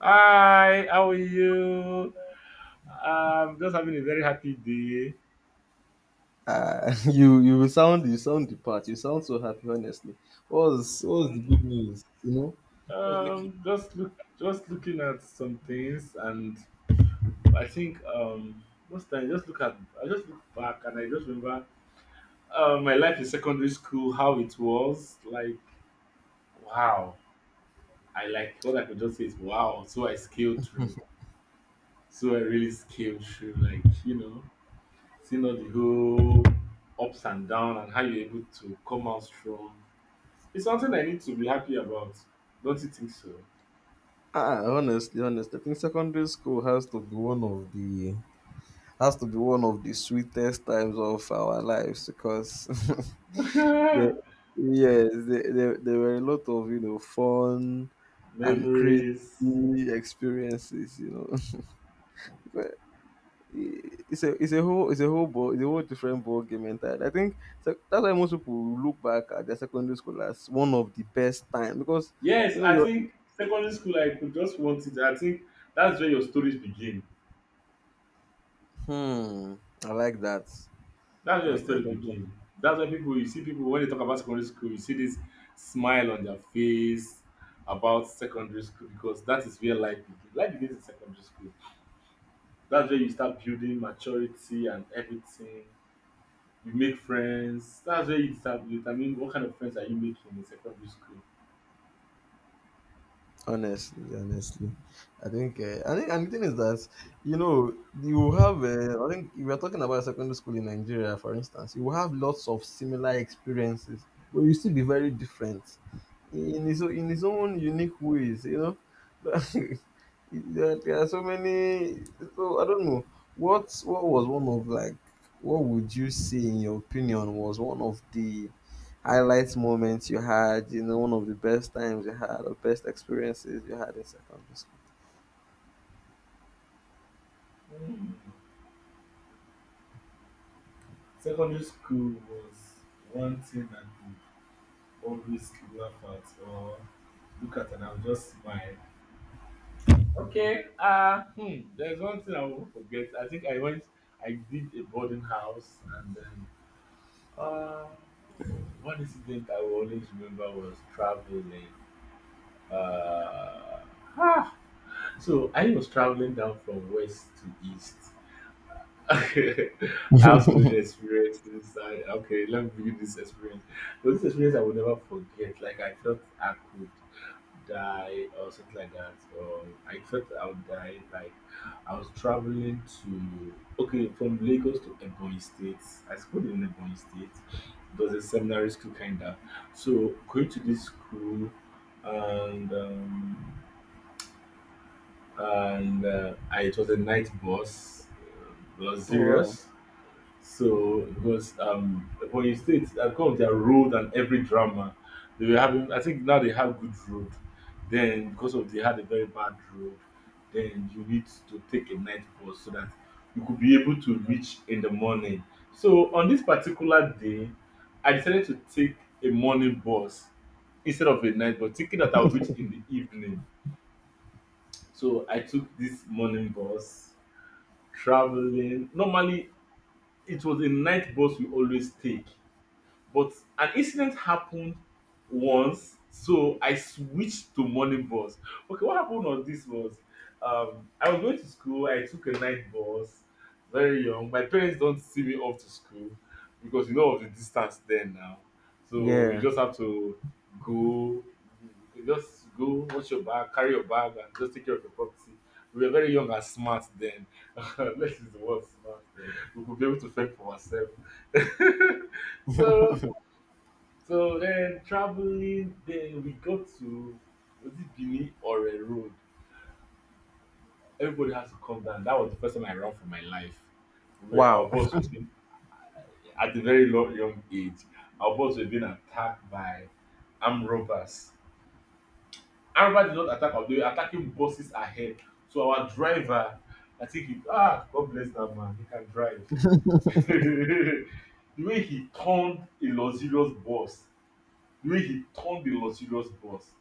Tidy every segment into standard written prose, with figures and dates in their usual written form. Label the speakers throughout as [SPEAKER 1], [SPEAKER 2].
[SPEAKER 1] Hi, how are you? I'm just having a very happy day.
[SPEAKER 2] You sound the part. You sound so happy, honestly. What's the
[SPEAKER 1] Mm,
[SPEAKER 2] good news? You know, what's making
[SPEAKER 1] Just just looking at some things, and I think most time just I just look back and I just remember my life in secondary school, how it was. Like, wow, I like what I could just say is wow. So I scaled through. So I really scaled through. Like, you know, seeing all the whole ups and down and how you're able to come out strong. It's something I need to be happy about. Don't you think so?
[SPEAKER 2] ah Honestly, I think secondary school has to be one of the sweetest times of our lives because there, yes, there there were a lot of fun and crazy
[SPEAKER 1] Memories.
[SPEAKER 2] experiences. It's a whole ball it's a whole different ball game entirely. I think so that's why most people look back at their secondary school as one of the best time because you
[SPEAKER 1] Yes,
[SPEAKER 2] know
[SPEAKER 1] I
[SPEAKER 2] you're
[SPEAKER 1] think secondary school I could just want it. I think that's where your stories begin.
[SPEAKER 2] hmm I like that.
[SPEAKER 1] That's
[SPEAKER 2] I
[SPEAKER 1] where your
[SPEAKER 2] like
[SPEAKER 1] stories
[SPEAKER 2] that.
[SPEAKER 1] begin. That's where people you see people when they talk about secondary school, you see this smile on their face about secondary school because that is where life begins. Life begins in secondary school. That's where you start building maturity and everything. You make friends. That's where you determine what kind of friends are you making in secondary school.
[SPEAKER 2] Honestly, I think, and the thing is that you have, if you're talking about secondary school in Nigeria, for instance, you will have lots of similar experiences, but you still be very different in in his own unique ways, you know. There are so many. So I don't know what was one of, like. What would you say, in your opinion, was one of the highlight moments you had, one of the best times you had or best experiences you had in secondary school?
[SPEAKER 1] Hmm. Secondary school was one thing I could always laugh at or look at and I would just smile. Okay, hmm, there's one thing I won't forget. I think I went, I did a boarding house and then uh, one incident I will always remember was traveling. Uh, ah, so I was traveling down from west to east. Okay. I also many experiences. I okay, let me give you this experience. But this experience I will never forget. Like I felt I could die or something like that, or I felt I would die. Like I was traveling to okay from Lagos to Ebonyi State. I schooled in Ebonyi State. It was a seminary school kinda. So going to this school and it was a night bus,
[SPEAKER 2] Oh, wow.
[SPEAKER 1] luxurious. So, because when you state that come with their road and every drama, they were having. I think now they have good road. Then because of they had a very bad road, then you need to take a night bus so that you could be able to reach in the morning. So on this particular day, I decided to take a morning bus instead of a night bus, thinking that I'll reach in the evening. So I took this morning bus, traveling. Normally, it was a night bus we always take. But an incident happened once, so I switched to morning bus. Okay, what happened on this was I was going to school, I took a night bus, very young. My parents don't see me off to school because you know of the distance then now. So you
[SPEAKER 2] Yeah.
[SPEAKER 1] just have to go, you just go, watch your bag, carry your bag, and just take care of your property. We were very young and smart then. Let's use the word smart. We could be able to fend for ourselves. so so then traveling, then we got to was it Benin or a road? Everybody has to come down. That was the first time I ran for my life. We our
[SPEAKER 2] Wow.
[SPEAKER 1] boss were being at a very low, young age. Our boss were being attacked by armed robbers. Armed robbers did not attack us, they were attacking buses ahead. So our driver, I think he ah God bless that man, he can drive. The way he turned a luxurious bus, the way he turned the luxurious bus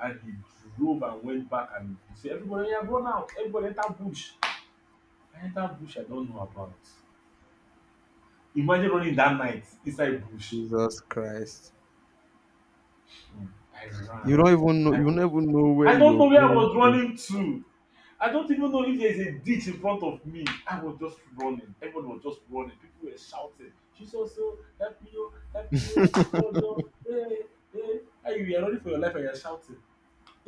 [SPEAKER 1] and he drove and went back and he said everybody yeah, run out everybody enter bush. I enter bush, I don't know about imagine running that night inside bush.
[SPEAKER 2] Jesus Christ.
[SPEAKER 1] Mm. I ran, I
[SPEAKER 2] You
[SPEAKER 1] was,
[SPEAKER 2] never know where
[SPEAKER 1] I don't
[SPEAKER 2] you're
[SPEAKER 1] know where I
[SPEAKER 2] going
[SPEAKER 1] was
[SPEAKER 2] to.
[SPEAKER 1] running to, I don't even know if there is a ditch in front of me, I was just running. Everyone was just running, people were shouting Jesus o, help me o, help me o, god o, hey hey hey, and you were running for your life and you are shouting.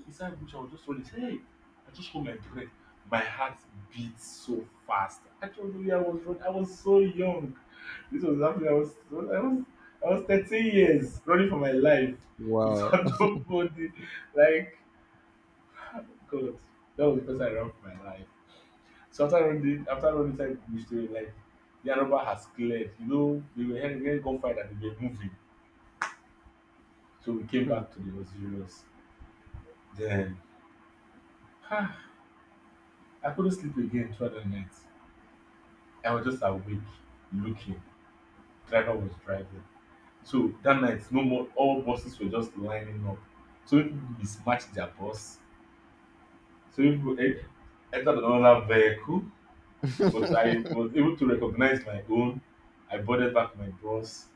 [SPEAKER 1] Inside bush, I was just running. Hey, I just hold my breath. My heart beat so fast. I told you I was running. I was so young. This was happening. I was 13 years running for my life
[SPEAKER 2] Wow.
[SPEAKER 1] without nobody. Like, God, that was the first time I ran for my life. So after running inside the bush, like, the Araba has cleared. You know, they were hearing gunfire that they were moving. So we came
[SPEAKER 2] Hmm.
[SPEAKER 1] back to the Osiris. Then, I couldn't sleep again throughout the night. I was just awake, looking. Driver was driving. So that night, no more. All buses were just lining up. So people mismatched their bus. So entered another vehicle. But I was able to recognize my own. I boarded back my bus,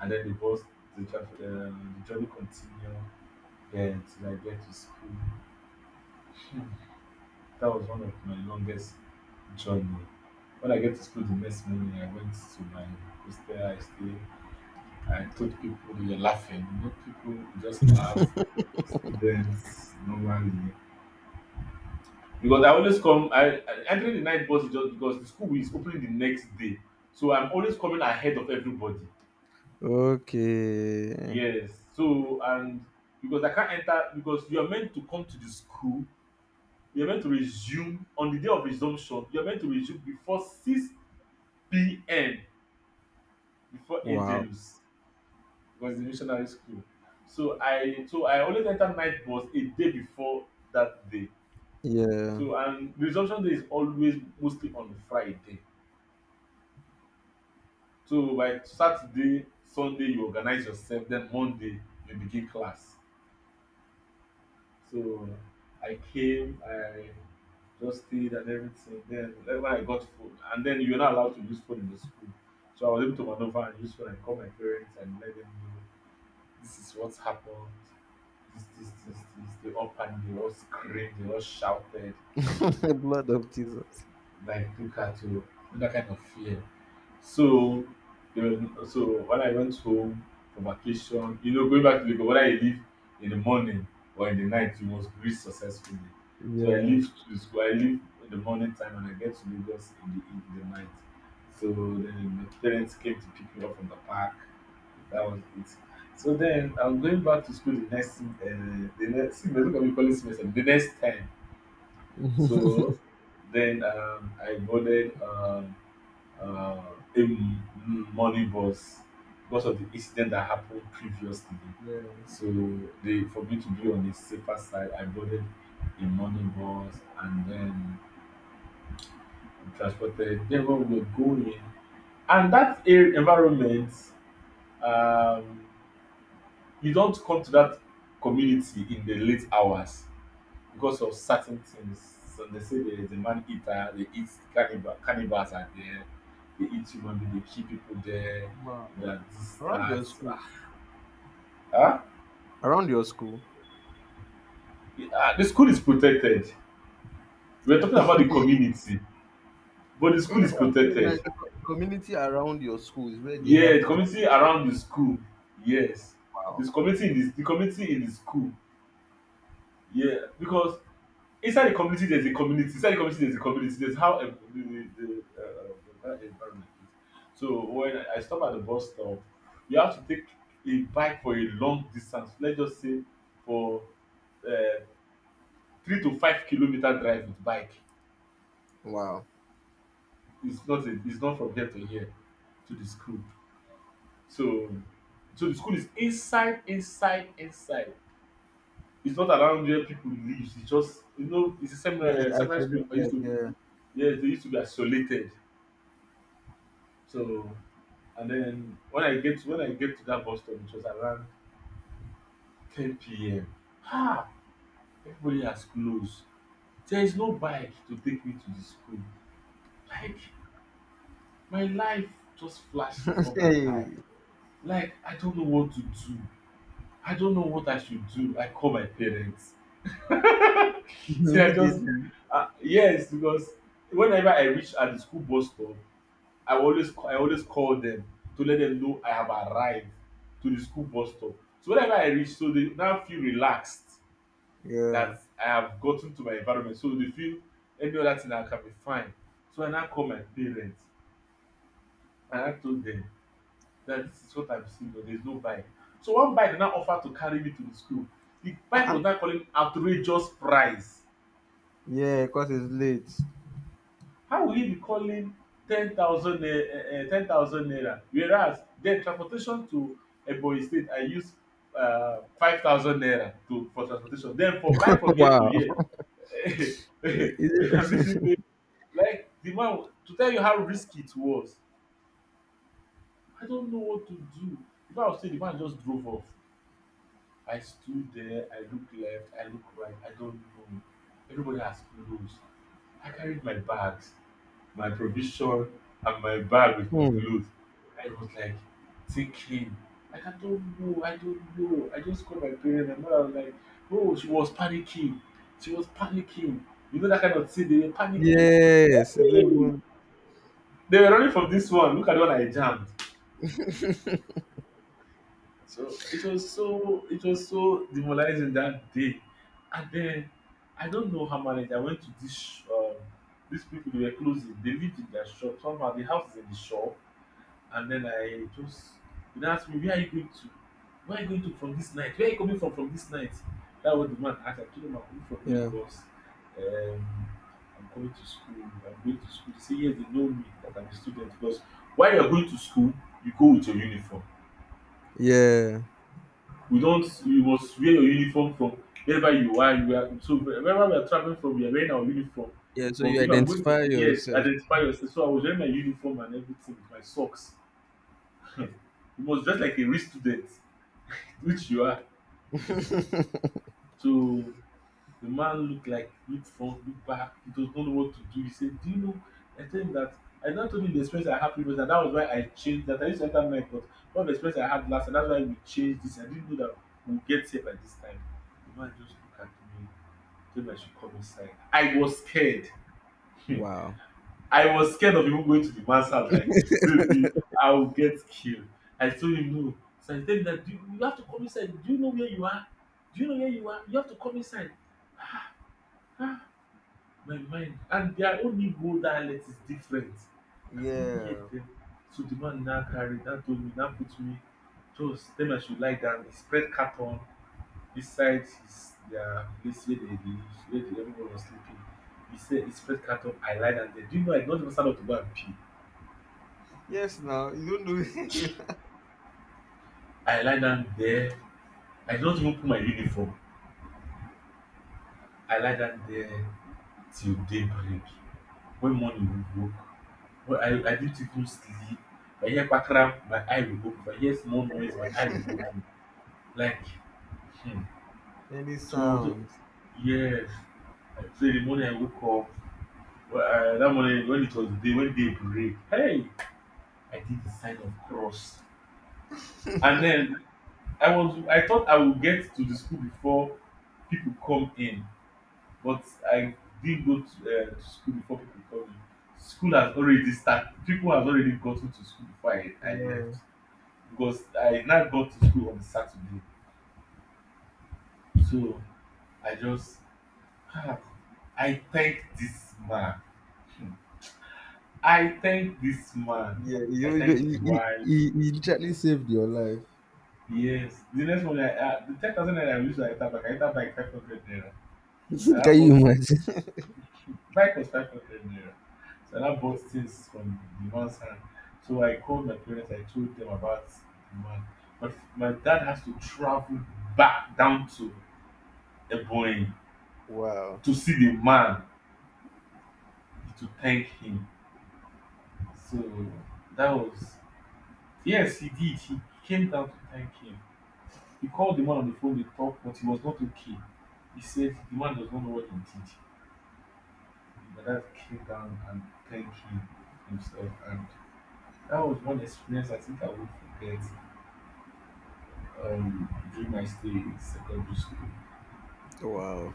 [SPEAKER 1] and then the journey continued. Then till I get to school, that was one of my longest journey. When I get to school the next morning, I went to my hostel. I thought people were laughing, but people just laugh. Students normally. Because I always come, I entering the night bus is just because the school is opening the next day. So I'm always coming ahead of everybody.
[SPEAKER 2] Okay.
[SPEAKER 1] Yes. So and because I can't enter because you are meant to come to the school, you're meant to resume on the day of resumption, you're meant to resume before 6 p.m. before
[SPEAKER 2] Wow.
[SPEAKER 1] Angelus. Was in missionary school. So I always enter night bus a day before that day.
[SPEAKER 2] Yeah.
[SPEAKER 1] So and resumption day is always mostly on Friday. So by Saturday, Sunday you organize yourself, then Monday you begin class. So I just stayed and everything. Then like, when I got food, and then you're not allowed to use phone in the school. So I was able to maneuver and use phone and call my parents and let them know this is what's happened. This, this, this, this. They all panicked, they all screamed, they all shouted
[SPEAKER 2] The Blood of Jesus.
[SPEAKER 1] like look at you, that kind of fear. So, there was, no, so when I went home for vacation, you know, going back to Lagos, whether you leave in the morning or in the night, you must reach successfully. So I
[SPEAKER 2] Yeah.
[SPEAKER 1] leave to school, I leave in the morning time and I get to Lagos in the night. So then my parents came to pick me up from the park. That was it. So then I'm going back to school the next the next semester. Look at me calling semester. The next time so then um, I boarded um, uh, a m- m- morning bus because of the incident that happened previously.
[SPEAKER 2] Yeah.
[SPEAKER 1] So they, for me to be on the safer side, I boarded a morning bus and then transported. Then when we were going, and that air environment, um, you don't come to that community in the late hours because of certain things. So they say there is a man eater, they eat cannibal, cannibals are there, they eat human being, they kill people there,
[SPEAKER 2] Wow.
[SPEAKER 1] that this,
[SPEAKER 2] Around
[SPEAKER 1] that.
[SPEAKER 2] your school.
[SPEAKER 1] Huh?
[SPEAKER 2] Around your school.
[SPEAKER 1] The school is protected. We're talking about the
[SPEAKER 2] Hey,
[SPEAKER 1] community, but the
[SPEAKER 2] you
[SPEAKER 1] school
[SPEAKER 2] know
[SPEAKER 1] is
[SPEAKER 2] what I'm saying?
[SPEAKER 1] protected.
[SPEAKER 2] Like the community around your school is where they
[SPEAKER 1] Yeah, the
[SPEAKER 2] have kind of
[SPEAKER 1] community around the school. Yes.
[SPEAKER 2] wow.
[SPEAKER 1] This community in this, the community in the school. Yeah, because inside the community there's a community there's how the environment is, so when I stop at the bus stop you have to take a bike for a long distance, let's just say for uh, 3 to 5 kilometer drive with bike.
[SPEAKER 2] Wow.
[SPEAKER 1] It's not it's not from here to here to the school. So so the school is inside inside inside, it's not around where people live, it's just you know it's a seminar
[SPEAKER 2] Yes, I
[SPEAKER 1] seminar school I used
[SPEAKER 2] isolated.
[SPEAKER 1] to,
[SPEAKER 2] Yeah.
[SPEAKER 1] yes they used to be isolated. So and then when I get to that bus stop, it was around 10 p.m. Ah, everybody has closed. There is no bike to take me to the school. Like my life just flashed before my eye.
[SPEAKER 2] Hey,
[SPEAKER 1] Like I don't know what to do. I don't know what I should do. I call my parents. So I just
[SPEAKER 2] immediately.
[SPEAKER 1] yes, because whenever I reach at the school bus stop, I always call them to let them know I have arrived to the school bus stop. So whenever I reach, so they now feel relaxed
[SPEAKER 2] Yeah.
[SPEAKER 1] that I have gotten to my environment. So they feel any other thing I can be fine. So I now call my parents and I told them that this is what I'm seeing, but there's no bike. So one bike now offered to carry me to the school. The bike was
[SPEAKER 2] Ah,
[SPEAKER 1] now calling outrageous price.
[SPEAKER 2] yeah, because it's late.
[SPEAKER 1] How will you be calling 10,000 naira 10,000 naira whereas then transportation to Ebonyi state I use 5,000 naira to for transportation then for bike from here to
[SPEAKER 2] Wow.
[SPEAKER 1] here
[SPEAKER 2] I-
[SPEAKER 1] I'm
[SPEAKER 2] Is it?
[SPEAKER 1] using like the man to tell you how risky it was, I don't know what to do. If I was still, the man just drove off. I stood there, I looked left, I looked right, I don't know. Everybody has clothes. I carried my bags, my provision, and my bag with my
[SPEAKER 2] Hmm.
[SPEAKER 1] clothes. I was like thinking, like I don't know, I don't know. I just called my parents. My mother was like, oh, she was panicking. She was panicking. You know that kind of thing, they were panicking.
[SPEAKER 2] Yes. It's
[SPEAKER 1] Hey.
[SPEAKER 2] even,
[SPEAKER 1] They were running from this one. Look at the one I jammed. So it was so demoralizing that day. And then I don't know how many I went to this these people, they were closing. They lived in their shop. Somehow the house is in the shop. And then I just, they now asked me, where are you going to? Where are you going to from this night? Where are you coming from this night? That was the man asked. I told him I'm coming from
[SPEAKER 2] yeah.
[SPEAKER 1] Lagos. Um, I'm coming to school. I'm going to school. They say yes, they know me, that I'm a student, because while you're going to school, you go with your uniform.
[SPEAKER 2] Yeah.
[SPEAKER 1] We don't, you must wear your uniform from wherever you are. You are so wherever we are traveling from, we are wearing our uniform
[SPEAKER 2] Yeah. So
[SPEAKER 1] from.
[SPEAKER 2] you
[SPEAKER 1] If I'm going from,
[SPEAKER 2] identify
[SPEAKER 1] yes,
[SPEAKER 2] yourself.
[SPEAKER 1] identify yourself. So I was wearing my uniform and everything, my socks. You must dress like a real student, which you are. So the man looked, like, look front, look back, he does not know what to do. He said, do you know? I tell him that I don't, told him the experience I had previous, and that was why I changed, that I used to enter night, but one of the experience I had last, and that's why we changed this. I didn't know that we will get here by this time. The man just look at me, told I should come inside. I was scared. Hmm.
[SPEAKER 2] Wow.
[SPEAKER 1] I was scared of even going to the man's house. Like, maybe I will get killed. I told him no. So he told me that, "Do you, you have to come inside. Do you know where you are? Do you know where you are? You have to come inside." My mind and their own Igbo dialect is different. I couldn't hear
[SPEAKER 2] Yeah.
[SPEAKER 1] them. So the man now carried that, told me, now put me, just then I should lie down. He spread carton. This side is their place where they live, where the, everyone was sleeping. He said he spread carton. I lie down there. Do you know I don't even stand up to go and pee?
[SPEAKER 2] Yes. Now you don't do
[SPEAKER 1] I lie down there. I don't even put my uniform. I lie down there till daybreak. When morning woke, well, I didn't even sleep. If I hear pakram, my eye will open. If I hear small noise, my eye will open. Like, hmm.
[SPEAKER 2] any
[SPEAKER 1] So when I was,
[SPEAKER 2] sound.
[SPEAKER 1] yes. So in the morning I woke up. Well, I, that morning when it was day, when day break, hey, I did the sign of cross. And then I was, I thought I would get to the school before people come in, but I didn't go to school before people come in. School has already started. People have already gotten to school before I
[SPEAKER 2] Yeah.
[SPEAKER 1] left, because I now got to school on Saturday. So I just, ah, I thank this man. Hmm. I thank this man.
[SPEAKER 2] Yeah.
[SPEAKER 1] I
[SPEAKER 2] You, you,
[SPEAKER 1] thank his
[SPEAKER 2] you, you,
[SPEAKER 1] wife.
[SPEAKER 2] you you literally saved your life.
[SPEAKER 1] Yes. The next one, I, the 10,000 naira I used to enter back, I enter back 500 naira. I now
[SPEAKER 2] Can you
[SPEAKER 1] bought,
[SPEAKER 2] imagine?
[SPEAKER 1] bike was 500 naira. So I now bought things from the man's hand. So I called my parents, I told them about the man. But my dad has to travel back down to Ebonyi
[SPEAKER 2] Wow.
[SPEAKER 1] to see the man to thank him. So that was, yes, he did. He came down to thank him. He called the man on the phone, they talked, but he was not okay. He said the man does not know what he did. My dad came down and thanked him himself. And that was one experience I think I won't forget during my stay in secondary school.
[SPEAKER 2] Wow.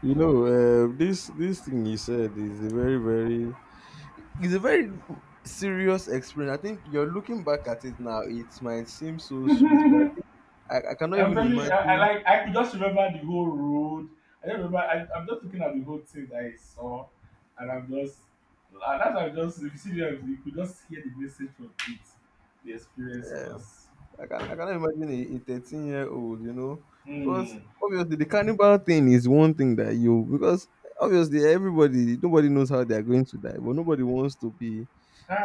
[SPEAKER 2] You know, this thing you said is a very, it's a very serious experience. I think you're looking back at it now. It might seem so sweet, but I think I cannot
[SPEAKER 1] I'm
[SPEAKER 2] even
[SPEAKER 1] telling you, I,
[SPEAKER 2] imagine.
[SPEAKER 1] like I could just remember the whole road. I don't remember. I, I'm just looking at the whole thing that I saw, and I'm just, and that's why I'm just, if you see them, you could just hear the message from it. The experience
[SPEAKER 2] Uh,
[SPEAKER 1] was,
[SPEAKER 2] I cannot imagine a 13-year-old, because
[SPEAKER 1] mm,
[SPEAKER 2] obviously the cannibal thing is one thing that you because obviously everybody nobody knows how they are going to die, but nobody wants to be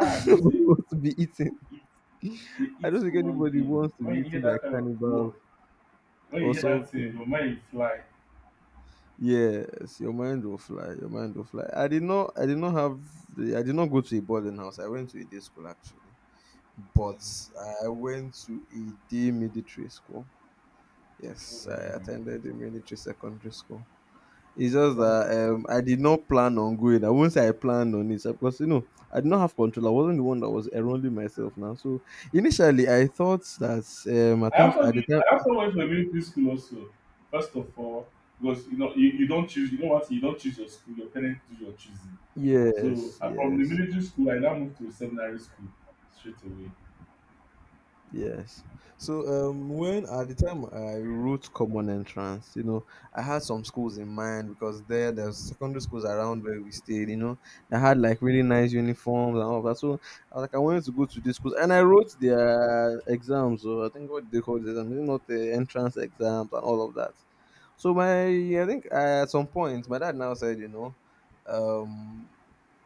[SPEAKER 1] they say
[SPEAKER 2] nobody wants to be
[SPEAKER 1] eat,
[SPEAKER 2] eaten.
[SPEAKER 1] who eat, they
[SPEAKER 2] I
[SPEAKER 1] eat
[SPEAKER 2] don't think
[SPEAKER 1] human
[SPEAKER 2] anybody
[SPEAKER 1] being.
[SPEAKER 2] wants to
[SPEAKER 1] When
[SPEAKER 2] be
[SPEAKER 1] you hear
[SPEAKER 2] eaten by
[SPEAKER 1] that kind of
[SPEAKER 2] cannibals
[SPEAKER 1] word, when you
[SPEAKER 2] or
[SPEAKER 1] hear that thing,
[SPEAKER 2] something.
[SPEAKER 1] your mind will fly.
[SPEAKER 2] Yes, your mind will fly. Your mind will fly. I did not. I did not have. I did not go to a boarding house. I went to a day school actually, but
[SPEAKER 1] Mm,
[SPEAKER 2] I went to a day military school.
[SPEAKER 1] oh,
[SPEAKER 2] Yes, I
[SPEAKER 1] really?
[SPEAKER 2] attended a military secondary school. It's just
[SPEAKER 1] That was,
[SPEAKER 2] that I did not plan on going. I won't say I planned on it because I did not have control. I wasn't the one that was enrolling myself now. So initially I thought that I
[SPEAKER 1] I
[SPEAKER 2] think
[SPEAKER 1] also
[SPEAKER 2] at
[SPEAKER 1] did,
[SPEAKER 2] the time.
[SPEAKER 1] I also went to a military school also. First of all, because you know you, you don't choose, you know what, you don't choose your school, your parents do your choosing. So
[SPEAKER 2] Yes,
[SPEAKER 1] from the
[SPEAKER 2] yes.
[SPEAKER 1] military school, I now moved to seminary school straight away.
[SPEAKER 2] Yes. So when at the time I wrote common entrance, I had some schools in mind because there's secondary schools around where we stayed, that had like really nice uniforms and all of that. So I was like, I wanted to go to these schools, and I wrote their exams. So I think what they call the exams, not the entrance exams and all of that. So my, I think at some point, my dad now said, um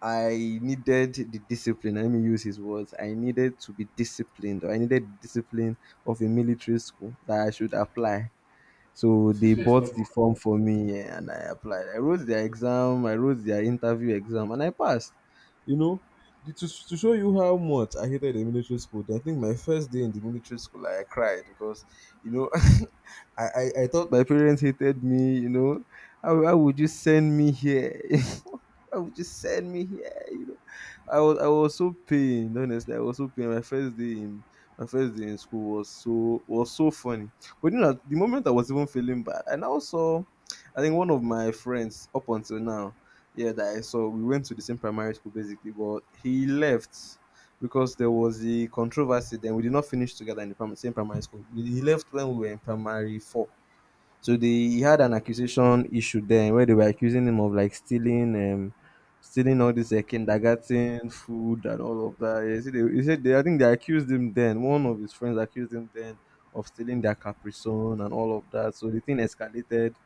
[SPEAKER 2] I needed the discipline. Let me use his words. I needed to be disciplined, or I needed the discipline of a military school that I should apply. So
[SPEAKER 1] Since
[SPEAKER 2] they
[SPEAKER 1] we are
[SPEAKER 2] bought
[SPEAKER 1] stubborn.
[SPEAKER 2] the form for me and I applied. I wrote their exam, I wrote their interview exam, and I passed. You know, to show you how much I hated the military school, I think my first day in the military school, I cried because, you know, I thought my parents hated me, you know. How would you send me here? Why would you send me here? I was so pained. Honestly, I was so pained. My first day in school was so funny. But the moment I was even feeling bad, and I also, I think one of my friends up until now, yeah, that I saw, we went to the same primary school basically, but he left because there was a controversy. Then we did not finish together in the same primary school. He left when we were in primary four, so they he had an accusation issue then, where they were accusing him of like stealing all this kindergarten food and all of that. He said they, I think they accused him then. One of his friends accused him then of stealing their Capri Sun and all of that. So the thing escalated,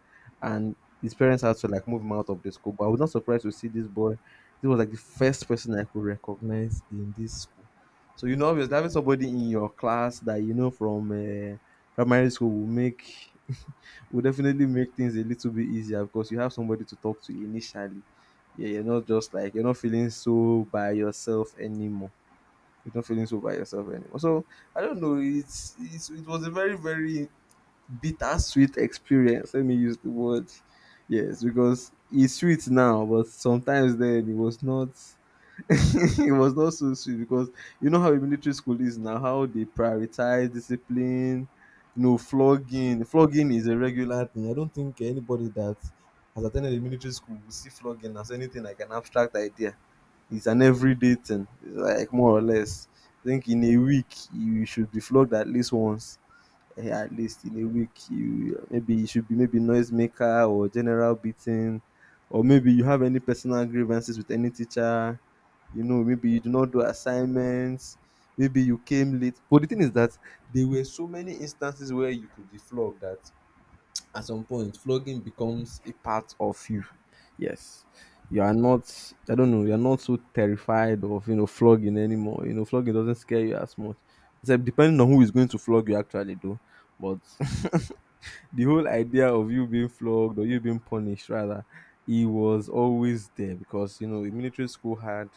[SPEAKER 2] and his parents had to like move him out of the school. But I was not surprised to see this boy. This was like the first person I could recognize in this school. So obviously having somebody in your class that you know from primary school will make will definitely make things a little bit easier because you have somebody to talk to initially. Yeah, you're not feeling so by yourself anymore. You're not feeling so by yourself anymore. So I don't know. It was a very bittersweet experience. Let me use the word. Yes, because it's sweet now, but sometimes then it was not. It was not so sweet because you know how a military school is now, how they prioritize discipline, flogging. Flogging is a regular thing. I don't think anybody that has attended a military school will see flogging as anything like an abstract idea. It's an everyday thing. It's like more or less. I think in a week you should be flogged at least once, at least in a week you maybe you should be maybe noisemaker or general beating, or maybe you have any personal grievances with any teacher, maybe you do not do assignments, maybe you came late. But the thing is that there were so many instances where you could be flogged that at some point flogging becomes a part of you. Yes. You are not, I don't know, you're not so terrified of flogging anymore. You know, flogging doesn't scare you as much. Except depending on who is going to flog you, actually, though. But the whole idea of you being flogged, or you being punished rather, it was always there, because you know in military school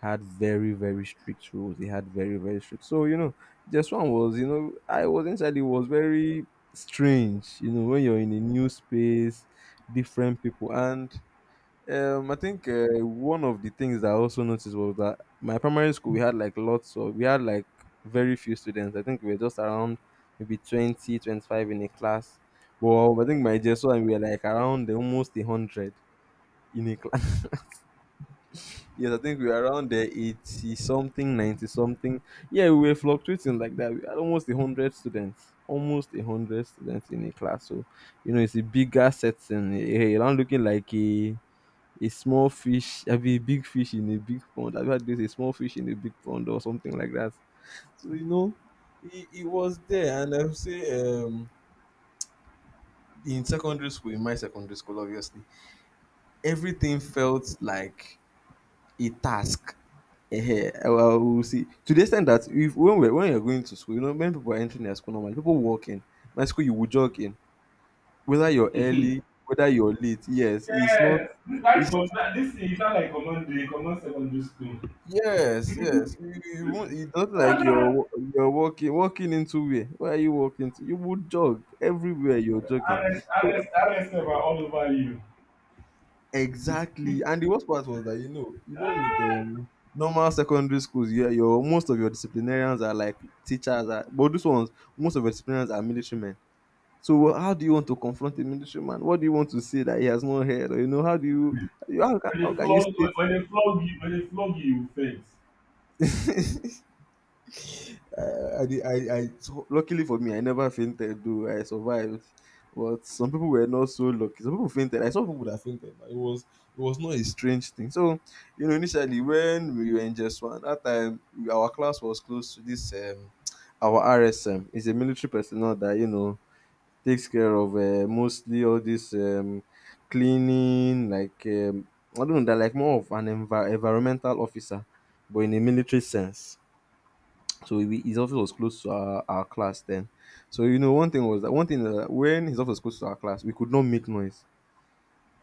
[SPEAKER 2] had very very strict rules, they had very very strict, so you know just one was, you know, I was inside, it was very strange, you know, when you're in a new space, different people, and I think one of the things that I also noticed was that my primary school we had like very few students. I think we were just around maybe 20, 25 in a class. Well, I think my JSO and we were like around almost 100 in a class. Yes, I think we were around the 80 something, 90 something. Yeah, we were fluctuating like that. We had almost 100 students, almost 100 students in a class. So it's a bigger setting. You're not looking like a small fish, I mean, a big fish in a big pond. I've heard this, a small fish in a big pond or something like that. So it he was there, and I would say in my secondary school, obviously, everything felt like a task. Well, we'll see. To the extent that if when we're when you're going to school, you know, when people are entering their school normally, people walk in. My school, you will jog in, whether you're early, whether you're late. Yes, it's not.
[SPEAKER 1] Yes, this life
[SPEAKER 2] It's
[SPEAKER 1] com- this thing is not like common day, common secondary school.
[SPEAKER 2] Yes, yes. You won't. It's not like you're walking into where? Where are you walking to? You would jog everywhere. You're jogging.
[SPEAKER 1] RS,
[SPEAKER 2] So
[SPEAKER 1] RS, RS, RSF are all over you.
[SPEAKER 2] exactly. And the worst part was that with
[SPEAKER 1] Ah,
[SPEAKER 2] normal secondary schools, yeah, your most of your disciplinarians are like teachers. But these ones, most of your disciplinarians are military men. So how do you want to confront a military man? What do you want to say that he has not heard? Or, you know, how do you
[SPEAKER 1] when
[SPEAKER 2] how
[SPEAKER 1] they
[SPEAKER 2] can you
[SPEAKER 1] flog,
[SPEAKER 2] state
[SPEAKER 1] when they flog you, when they flog you, you faint.
[SPEAKER 2] I, I, did- I so luckily for me, I never fainted. Though I survived, but some people were not so lucky. Some people fainted. I saw people that fainted. It was not a strange thing. So you know, initially when we were in just one that time, our class was close to this. Our RSM is a military personnel that you know takes care of mostly all this cleaning, like, I don't know, they're like more of an environmental officer, but in a military sense. So his office was close to our class then. So you know, one thing was that, one thing that when his office was close to our class, we could not make noise.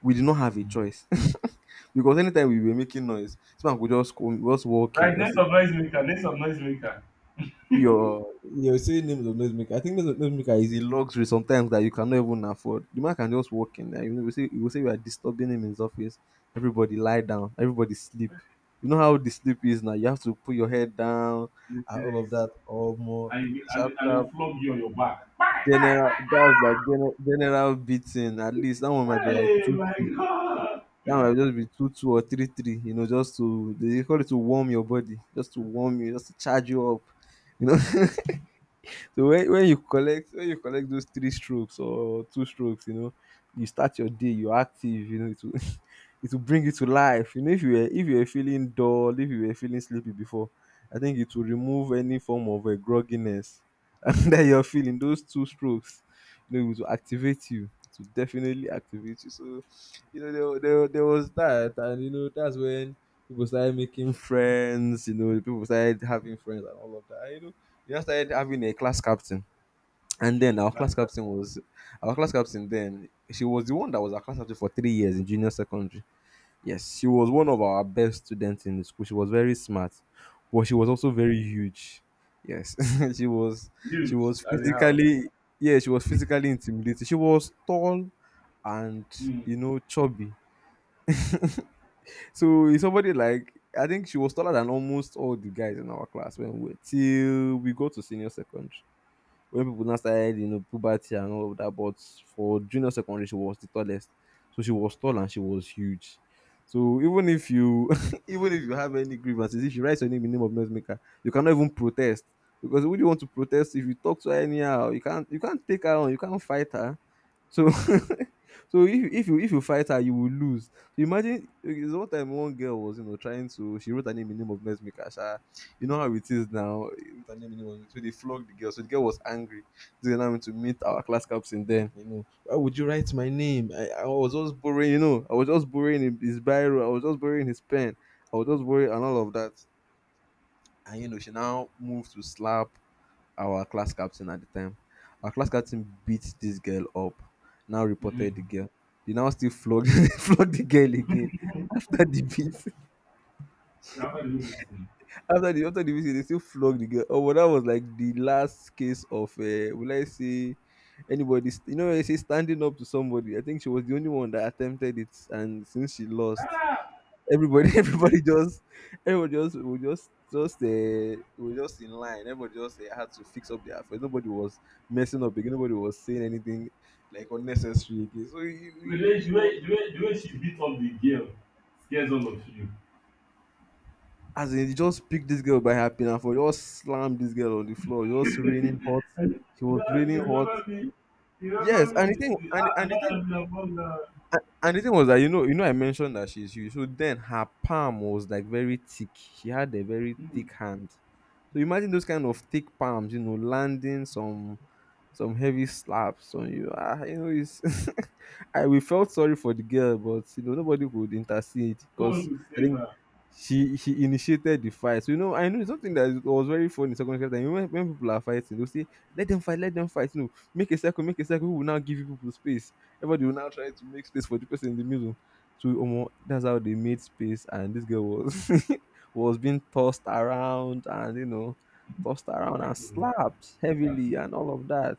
[SPEAKER 2] We did not have a choice, because anytime we were making noise, someone could just come, just walk in,
[SPEAKER 1] Right,
[SPEAKER 2] just
[SPEAKER 1] next
[SPEAKER 2] say
[SPEAKER 1] of noise maker, next of noise maker.
[SPEAKER 2] your you're saying names of noisemaker. I think names of noisemaker is a luxury sometimes that you cannot even afford. The man can just walk in there. You know, we say we are disturbing him in his office. Everybody lie down. Everybody sleep. You know how the sleep is now. You have to put your head down
[SPEAKER 1] Yes,
[SPEAKER 2] and all of that or more
[SPEAKER 1] and it will,
[SPEAKER 2] sharp
[SPEAKER 1] and it
[SPEAKER 2] sharp.
[SPEAKER 1] will flog you on your back.
[SPEAKER 2] General, that's like general, general beating. At least that one might be like
[SPEAKER 1] Hey,
[SPEAKER 2] two
[SPEAKER 1] my
[SPEAKER 2] two.
[SPEAKER 1] God!
[SPEAKER 2] That one might just be two two or three three. You know, just to they call it to warm your body, just to warm you, just to charge you up. You know. So when, when you collect those three strokes or two strokes, you know, you start your day, you're active, you know, it will it will bring you to life. You know, if you were feeling dull, if you were feeling sleepy before, I think it will remove any form of a grogginess that you're feeling, those two strokes. You know, it will activate you. It will definitely activate you. So you know, there was that, and you know that's when people started making friends. You know, people started having friends and all of that. And, you know, we just started having a class captain. And then
[SPEAKER 1] Mm,
[SPEAKER 2] our class
[SPEAKER 1] laughter.
[SPEAKER 2] captain was our class captain. Then she was the one that was our class captain for 3 years in junior secondary. Yes, she was one of our best students in the school. She was very smart, but she was also very huge. Yes. she was she
[SPEAKER 1] Mute
[SPEAKER 2] was
[SPEAKER 1] as you have.
[SPEAKER 2] physically, yeah, she was physically intimidating. She was tall and,
[SPEAKER 1] Mm,
[SPEAKER 2] you know, chubby. So it's somebody like, I think she was taller than almost all the guys in our class when we were, till we go to senior secondary, when people now started, you know, puberty and all of that. But for junior secondary, she was the tallest. So she was tall and she was huge. So even if you, even if you have any grievances, if you write your name in the name of noisemaker, you cannot even protest. Because would you want to protest if you talk to her anyhow? You can't take her on, you can't fight her. So so if you fight her, you will lose. So imagine, okay, there's one time one girl was, you know, trying to she wrote her name in the name of Nurse Mikasha. You know how it is now. She wrote her name in the name of, so they flogged the girl. So the girl was angry. So now went to meet our class captain. Then, you know, why would you write my name? I was just borrowing. You know, I was just borrowing his biro. I was just borrowing his pen. I was just borrowing and all of that. And you know she now moved to slap our class captain at the time. Our class captain beat this girl up, now
[SPEAKER 1] mm.
[SPEAKER 2] reported the girl. They now still flogged, flogged the girl again after the beat.
[SPEAKER 1] So after the whole meeting,
[SPEAKER 2] After the beat, they still flogged the girl. Oh, but that was like the last case of, will I say, anybody, you know, when I say standing up to somebody. I think she was the only one that attempted it, and since she lost,
[SPEAKER 1] ah,
[SPEAKER 2] everybody
[SPEAKER 1] I'm telling you.
[SPEAKER 2] everybody just, we just we just in line, everybody just had to fix up their affairs. Nobody was messing up again, nobody was saying anything like unnecessary again. So
[SPEAKER 1] The way,
[SPEAKER 2] he
[SPEAKER 1] the
[SPEAKER 2] was,
[SPEAKER 1] way, the way, the way she beat up the girl scares all of you.
[SPEAKER 2] as in he just picked this girl by her pinafore, for just slammed this girl on the floor. Just raining hot, he was
[SPEAKER 1] That, you
[SPEAKER 2] raining hot.
[SPEAKER 1] remember me? You remember
[SPEAKER 2] Yes,
[SPEAKER 1] me?
[SPEAKER 2] and the thing,
[SPEAKER 1] The, I don't have the above that.
[SPEAKER 2] and the thing was that, you know, I mentioned that she's huge. So then her palm was like very thick. She had a very
[SPEAKER 1] Mm,
[SPEAKER 2] thick hand. So imagine those kind of thick palms, you know, landing some heavy slaps on you. Ah, you know, it's I, we felt sorry for the girl, but you know, nobody could intercede
[SPEAKER 1] no one
[SPEAKER 2] because
[SPEAKER 1] will
[SPEAKER 2] I
[SPEAKER 1] say
[SPEAKER 2] think
[SPEAKER 1] that.
[SPEAKER 2] she initiated the fight. So, you know, I know it's something that was very funny in second time. You know, when people are fighting, they'll say, let them fight, you know, make a circle, we will now give you people space. Everybody will now try to make space for the person in the middle. So omo, that's how they made space, and this girl was was being tossed around, and you know, tossed around
[SPEAKER 1] I
[SPEAKER 2] and
[SPEAKER 1] could remember.
[SPEAKER 2] slapped heavily, and all of that.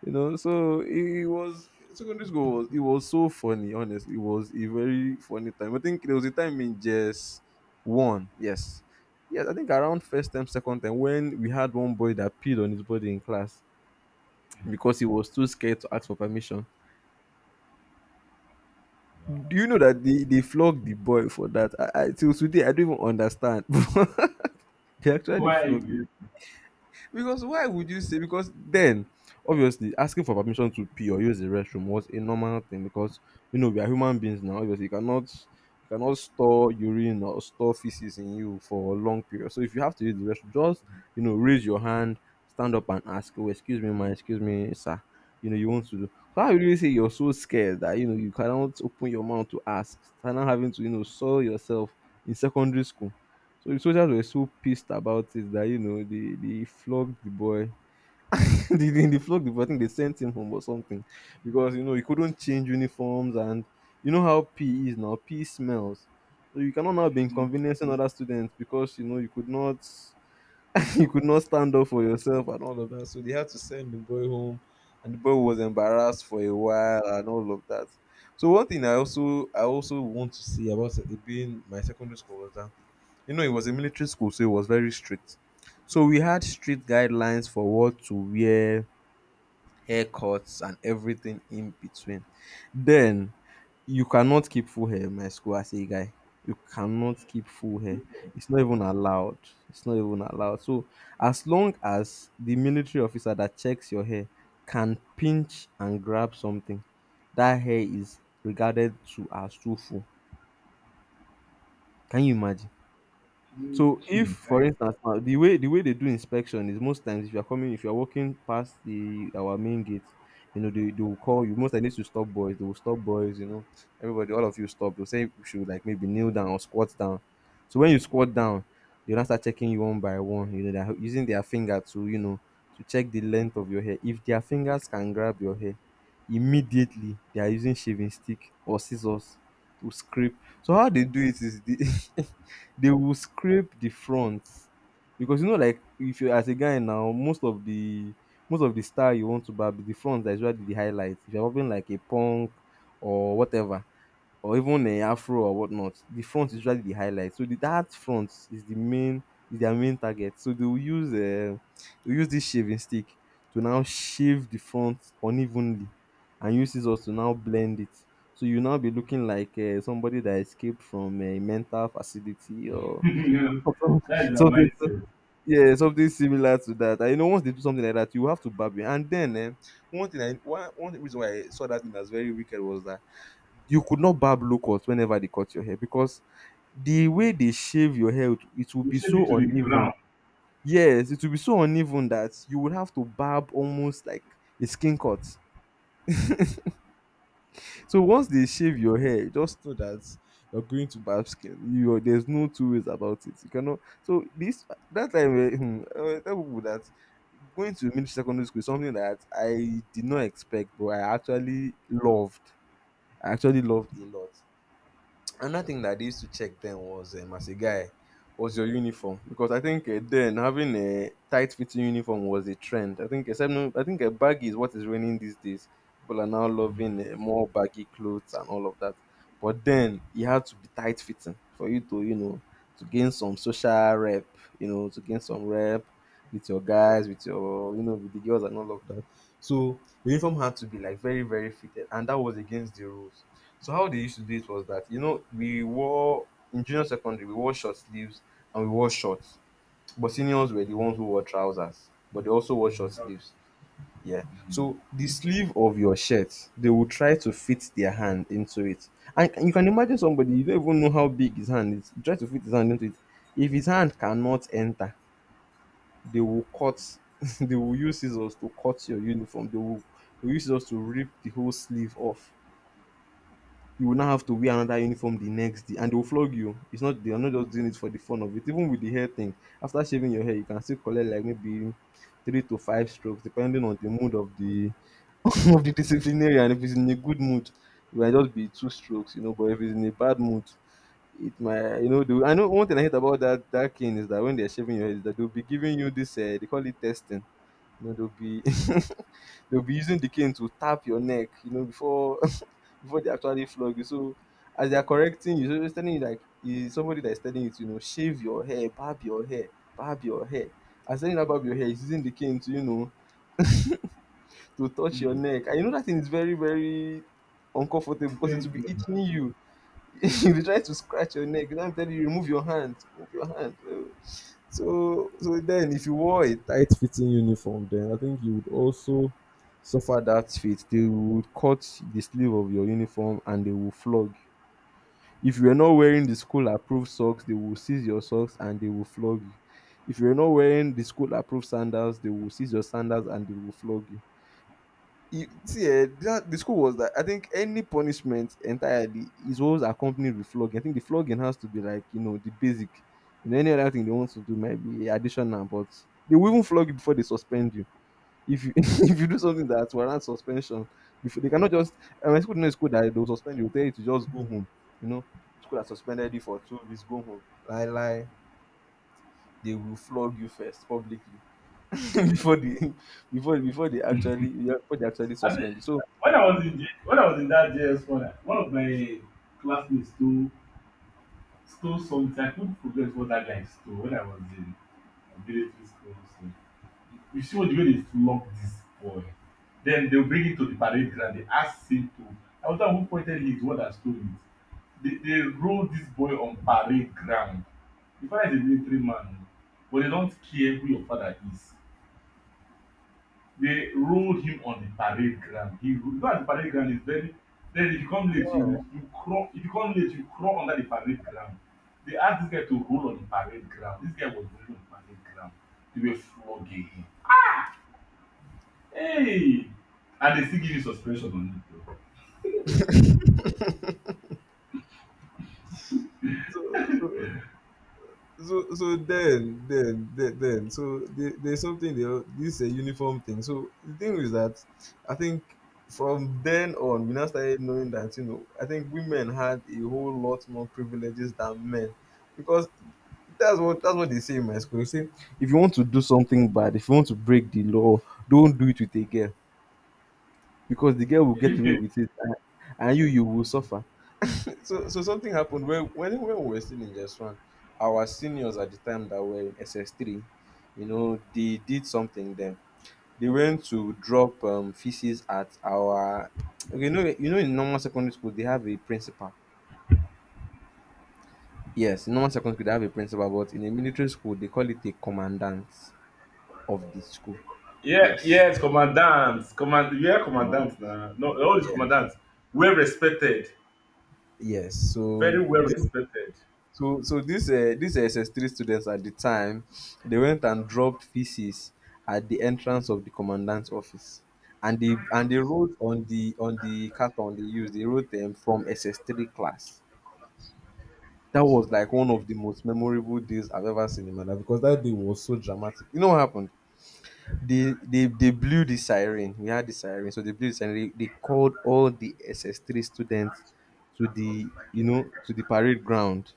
[SPEAKER 2] You know, so it was, secondary school was, it was so funny. Honestly, it was a very funny time. I think there was a time in just one, yes, yes. I think around first time, second time, when we had one boy that peed on his body in class because he was too scared to ask for permission. Do you know that they flogged the boy for that? I till today I don't even understand. They actually
[SPEAKER 1] Why?
[SPEAKER 2] flogged,
[SPEAKER 1] You,
[SPEAKER 2] because why would you say? Because then, obviously, asking for permission to pee or use the restroom was a normal thing because, you know, we are human beings now. Obviously, you cannot store urine or store feces in you for a long period. So if you have to use the restroom, just, you know, raise your hand, stand up and ask, "Oh, excuse me, ma, excuse me, sir." You know you want to do. How would you say you're so scared that you know you cannot open your mouth to ask? And now having to, you know, saw yourself in secondary school, so the soldiers were so pissed about it that, you know, they flogged the boy. They flogged the boy. I think they sent him home or something because, you know, he couldn't change uniforms, and you know how PE is now. PE smells. So you cannot now be
[SPEAKER 1] mm,
[SPEAKER 2] inconveniencing other students because, you know, you could not you could not stand up for yourself and all of that. So they had to send the boy home, and the boy was embarrassed for a while and all of that. So one thing I also want to say about it being my secondary school was that, you know, it was a military school, so it was very strict. So we had strict guidelines for what to wear, haircuts, and everything in between. Then you cannot keep full hair in my school as a guy. You cannot keep full hair.
[SPEAKER 1] mm,
[SPEAKER 2] It's not even allowed. It's not even allowed. So as long as the military officer that checks your hair can pinch and grab something, that hair is regarded to as too full. Can you imagine?
[SPEAKER 1] mm,
[SPEAKER 2] So if,
[SPEAKER 1] mm,
[SPEAKER 2] for instance, now the way they do inspection is, most times, if you are coming, if you are walking past the our main gate, you know they will call you. Most I need to stop boys. They will stop boys. You know, everybody, all of you stop. They'll say you should, like, maybe kneel down or squat down. So when you squat down, they'll now start checking you one by one. You know they're using their finger to, you know, to check the length of your hair. If their fingers can grab your hair, immediately they are using shaving stick or scissors to scrape. So how they do it is the they will scrape the front, because you know, like, if you as a guy now, most of the style you want to barb is the front. That is usually the highlight. If you're having like a punk or whatever, or even a afro or whatnot, the front is usually the highlight. So that front is the main, is their main target. So they will use they use this shaving stick to now shave the front unevenly, and use scissors to now blend it. So you now be looking like somebody that escaped from a mental facility, or
[SPEAKER 1] you know, that's the
[SPEAKER 2] something,
[SPEAKER 1] mindset.
[SPEAKER 2] yeah, something similar to that. And once they do something like that, you have to barb it. And then, one reason why I saw that thing as very wicked was that you could not barb low cut whenever they cut your hair, because the way they shave your hair, it will
[SPEAKER 1] You
[SPEAKER 2] be
[SPEAKER 1] should be to
[SPEAKER 2] so
[SPEAKER 1] the
[SPEAKER 2] uneven.
[SPEAKER 1] ground.
[SPEAKER 2] Yes, it will be so uneven that you would have to barb almost like a skin cut. So once they shave your hair, just know that you're going to barb skin. You, there's no two ways about it. You cannot. So this that time, I will tell people that going to military secondary school is something that I did not expect, but I actually loved a lot. Another thing that they used to check then was, as a guy, was your uniform, because I think then, having a tight fitting uniform was a trend. I think except no, I think a baggy is what is reigning these days. People are now loving more baggy clothes and all of that. But then you had to be tight fitting for you to you know to gain some social rep, to gain some rep with your guys, with your you know with the girls and all of that. So uniform had to be like very, very fitted, and that was against the rules. So how they used to do it was that, you know, we wore in junior secondary, we wore short sleeves, and we wore shorts. But seniors were the ones who wore trousers, but they also wore short sleeves. Yeah. So the sleeve of your shirt, they will try to fit their hand into it, and you can imagine, somebody you don't even know how big his hand is, you try to fit his hand into it. If his hand cannot enter, they will cut. They will use scissors to cut your uniform. They will use scissors to rip the whole sleeve off. You will now have to wear another uniform the next day, and they will flog you. It's not, they are not just doing it for the fun of it. Even with the hair thing, after shaving your hair, you can still collect like maybe three to five strokes, depending on the mood of the of the disciplinarian. If he's in a good mood, it might just be two strokes, you know. But if he's in a bad mood, it might, you know. I know one thing I hate about that cane is that when they're shaving your head, is that they'll be giving you this, they call it testing, you know. They'll be they'll be using the cane to tap your neck, you know, before before they actually flog you. So as they are correcting you, so it's telling you, like, is somebody that is telling you to, you know, shave your hair, barb your hair, barb your hair. As telling you to barb your hair, he's using the cane to touch your
[SPEAKER 1] Mm.
[SPEAKER 2] neck. And you know that thing is very, very uncomfortable, because it will be
[SPEAKER 1] Painful.
[SPEAKER 2] itching you. You be trying to scratch your neck. Now I'm telling you, remove your hand, remove your hand. So then, if you wore a tight fitting uniform, then I think you would also suffer that fate. They would cut the sleeve of your uniform, and they will flog you. If you are not wearing the school approved socks, they will seize your socks and they will flog you. If you're not wearing the school approved sandals, they will seize your sandals and they will flog you. You see, that the school was that, I think, any punishment entirely is always accompanied with flogging. I think the flogging has to be, like, you know, the basic. You know, any other thing they want to do might be additional, but they will even flog you before they suspend you. If you if you do something that warrants suspension, before, they cannot just, my school no school that they'll suspend you, they'll tell you to just go home. You know, school that suspended you for 2 weeks, go home. They will flog you first publicly before they before before they actually, yeah, before they actually
[SPEAKER 1] I think
[SPEAKER 2] suspend you. So
[SPEAKER 1] when I was in J- when I was in that JS one, I- one of my classmates stole, stole something. I couldn't forget what that guy stole when I was in military school. So, you see all the way they flog this boy. Then they'll bring him to the parade ground. They ask him to, I wonder who pointed his word and stole it. They roll this boy on parade ground. The father is a military man, but they don't care who your father is. They rolled him on the parade ground. He, you know, at the parade ground is very. Then if you come late,
[SPEAKER 2] yeah.
[SPEAKER 1] you crawl. If you come late, you crawl under the parade ground. They asked this guy to roll on the parade ground. This guy was rolling on the parade ground. They were flogging him. Hey! And they still give you suspension on
[SPEAKER 2] So, so so then, then, so there's something there. This a uniform thing. So the thing is that I think from then on, we now started knowing that, you know, I think women had a whole lot more privileges than men, because that's what they say in my school. They say, if you want to do something bad, if you want to break the law, don't do it with a girl, because the girl will get
[SPEAKER 1] it.
[SPEAKER 2] away
[SPEAKER 1] though.
[SPEAKER 2] with it, and, you will suffer. So something happened when we were still in just one. Our seniors at the time that were in SS3, you know, they did something then. They went to drop feces at our, okay you know, in normal secondary school, they have a principal. Yes, in normal secondary school, they have a principal, but in a military school, they call it a commandant of the school.
[SPEAKER 1] Yeah,
[SPEAKER 2] Yes.
[SPEAKER 1] yes, commandant. Command, yeah,
[SPEAKER 2] Wow.
[SPEAKER 1] commandant now. No, all is
[SPEAKER 2] Yes.
[SPEAKER 1] commandant. Well respected.
[SPEAKER 2] Yes. So
[SPEAKER 1] Very well
[SPEAKER 2] this
[SPEAKER 1] respected.
[SPEAKER 2] So so these, these SS3 students at the time, they went and dropped feces at the entrance of the commandant's office. And they wrote on the carton they used, they wrote them from SS3 class. That was like one of the most memorable days I've ever seen in my life, because that day was so dramatic. You know what happened? They blew the siren. We had the siren, so they blew the siren. They called all the SS3 students to the, you know, to the parade ground.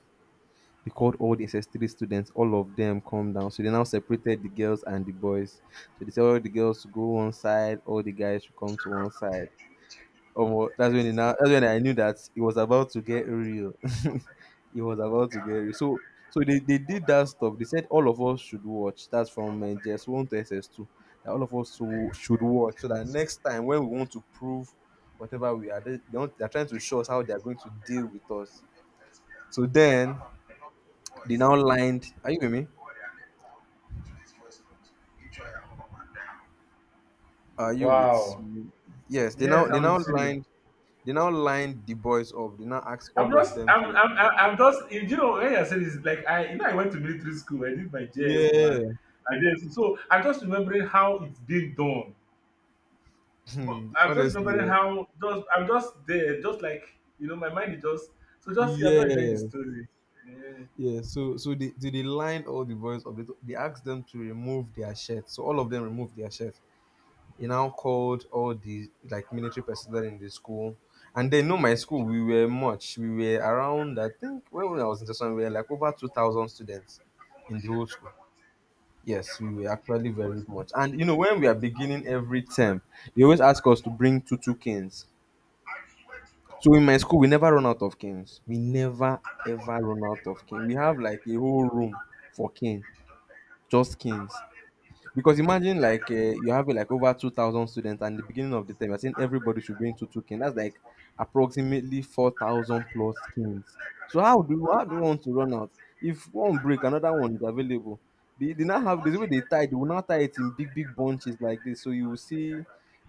[SPEAKER 2] They called all the SS3 students, all of them, come down. So they now separated the girls and the boys. So they said all the girls to go one side, all the guys should come to one side. Oh, that's when I knew that it was about to get real. It was about to get real. So they did that stuff. They said all of us should watch. That's from, JS1 to SS2. That all of us to, should watch. So that next time when we want to prove whatever we are, they're trying to show us how they're going to deal with us. So then they now lined are you with me? Are you with
[SPEAKER 1] Wow.
[SPEAKER 2] me? Yes. they
[SPEAKER 1] Yes,
[SPEAKER 2] now they
[SPEAKER 1] I'm
[SPEAKER 2] now
[SPEAKER 1] with you.
[SPEAKER 2] lined, they now lined the boys up. They now asked
[SPEAKER 1] I'm
[SPEAKER 2] all of
[SPEAKER 1] just,
[SPEAKER 2] them to,
[SPEAKER 1] I'm just, you know, when I said this, like, I, you know, I went to military school, I did my JS one,
[SPEAKER 2] yeah,
[SPEAKER 1] I did, so I'm just remembering how it's being done. But I'm just
[SPEAKER 2] honestly,
[SPEAKER 1] remembering how, just, I'm just there, just like, you know, my mind is just so, just, I'm just enjoying the
[SPEAKER 2] yes,
[SPEAKER 1] story. Yeah,
[SPEAKER 2] yeah. They lined all the boys up. They asked them to remove their shirts, so all of them removed their shirts. They now called all the, like, military personnel in the school. And they know, my school, we were around, I think when I was in this one, we were like over 2000 students in the whole school. Yes, we were actually very much. And you know, when we are beginning every term, they always ask us to bring two two canes. So in my school, we never run out of canes. We never ever run out of cane. We have like a whole room for cane, just canes. Because imagine, like, you have like over 2,000 students, and the beginning of the term, you're saying everybody should bring two two kings. That's like approximately 4,000 plus kings. So how do you want to run out? If one break, another one is available. They now have this way they tie. They will now tie it in big big bunches like this. So you will see.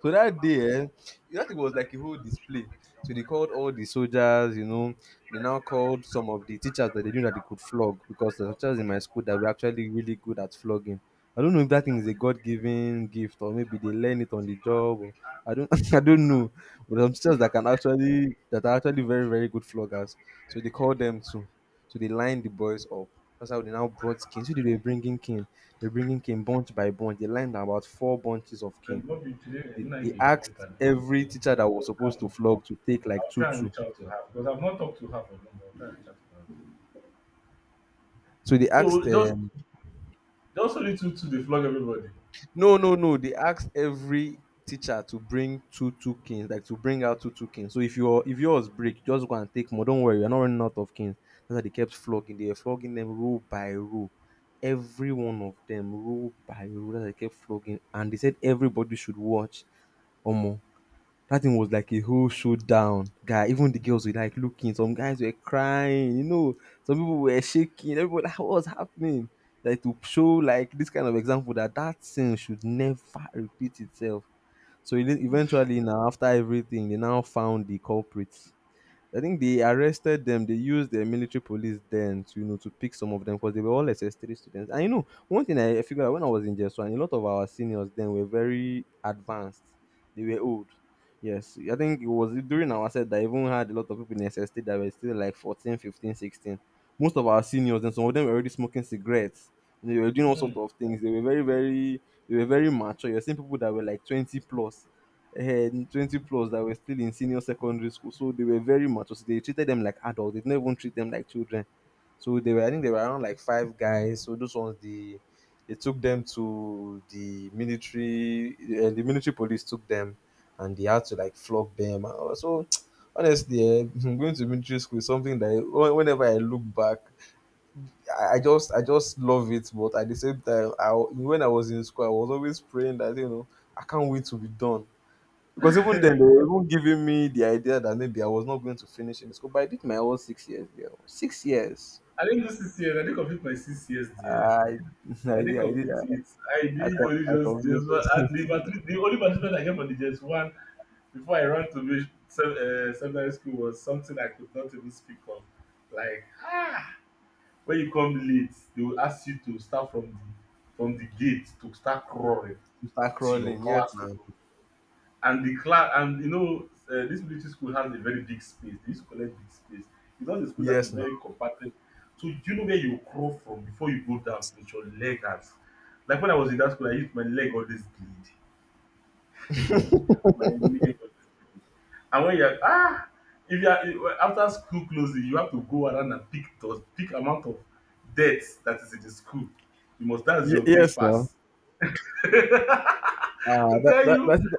[SPEAKER 2] So that day, that it was like a whole display. So they called all the soldiers, you know. They now called some of the teachers that they knew that they could flog, because the teachers in my school that were actually really good at flogging, I don't know if that thing is a God-given gift, or maybe they learn it on the job, or I don't I don't know. But I'm sisters that are actually very, very good floggers. So they call them too. So they line the boys up. That's how they now brought cane. So they were bringing king. They're bringing king bunch by bunch. They lined about four bunches of
[SPEAKER 1] and
[SPEAKER 2] king.
[SPEAKER 1] what we today,
[SPEAKER 2] They,
[SPEAKER 1] when I
[SPEAKER 2] they
[SPEAKER 1] get cool
[SPEAKER 2] asked
[SPEAKER 1] later, because
[SPEAKER 2] every teacher that was
[SPEAKER 1] just calm
[SPEAKER 2] supposed to
[SPEAKER 1] and cool.
[SPEAKER 2] flog to take like
[SPEAKER 1] I'll
[SPEAKER 2] two
[SPEAKER 1] try and
[SPEAKER 2] two.
[SPEAKER 1] reach out to her because I've not talked to her for long. But I'll try and reach out to her.
[SPEAKER 2] So they
[SPEAKER 1] So
[SPEAKER 2] asked
[SPEAKER 1] just just only two to the flog everybody.
[SPEAKER 2] no no no they asked every teacher to bring two two kings, like to bring out two two kings. So if your if yours break, just go and take more. Don't worry, you're not running out of kings. That's why they kept flogging. They were flogging them row by row, every one of them row by row, that they kept flogging, and they said everybody should watch. Omo, that thing was like a whole showdown, guy. Even the girls were like looking. Some guys were crying, you know. Some people were shaking. Everybody, like, what was happening? Like to show like this kind of example that that thing should never repeat itself. So eventually, now after everything, they now found the culprits. I think they arrested them. They used their military police then to, you know, to pick some of them because they were all SS3 students. And you know, one thing I figured out when I was in JS one, a lot of our seniors then were very advanced. They were old. Yes, I think it was during our set that even had a lot of people in SST that were still like 14, 15, 16. Most of our seniors and some of them were already smoking cigarettes. You know, they were doing all
[SPEAKER 1] Hmm.
[SPEAKER 2] sorts of things. They were they were very mature. You're seeing people that were like 20 plus and 20 plus that were still in senior secondary school. So they were very much. So they treated them like adults. They didn't even treat them like children. So they were, I think they were around like five guys. So those ones, they took them to the military police took them, and they had to like flog them. So honestly, eh, going to military school is something that whenever I look back, I just I just love it. But at the same time, I, when I was in school, I was always praying that, you know, I can't wait to be done. Because even then, they were even giving me the idea that maybe I was not going to finish in school, but I did my whole 6 years, girl. 6 years.
[SPEAKER 1] I didn't do 6 years. I didn't complete my 6 years there.
[SPEAKER 2] I,
[SPEAKER 1] I
[SPEAKER 2] I did,
[SPEAKER 1] didn't
[SPEAKER 2] I did,
[SPEAKER 1] complete it. I
[SPEAKER 2] I,
[SPEAKER 1] did
[SPEAKER 2] co-
[SPEAKER 1] only
[SPEAKER 2] I
[SPEAKER 1] just
[SPEAKER 2] completed.
[SPEAKER 1] one- and the matric, the only matric that I get for the just one before I run to me, se- secondary school was something I could not even speak on. Like when you come late, they will ask you to start from the, from the gate to start crawling
[SPEAKER 2] To start
[SPEAKER 1] to your
[SPEAKER 2] crawling. Yes,
[SPEAKER 1] classroom.
[SPEAKER 2] now.
[SPEAKER 1] And the class, and you know, this military school has a very big space. They used to collect big space. It's not a school that is
[SPEAKER 2] Yes, now.
[SPEAKER 1] very compacted. So do you know where you crawl from before you go down with your leg out? Like when I was in that school, I used, my leg always bleed. Hey, my leg. And when you're, ah, if you are, after school closing, you have to go around and pick the, pick amount of debt that is in the school. You must, that's
[SPEAKER 2] Ye-
[SPEAKER 1] your gate
[SPEAKER 2] yes, now.
[SPEAKER 1] pass.
[SPEAKER 2] Ah,
[SPEAKER 1] To tell you,
[SPEAKER 2] that's it.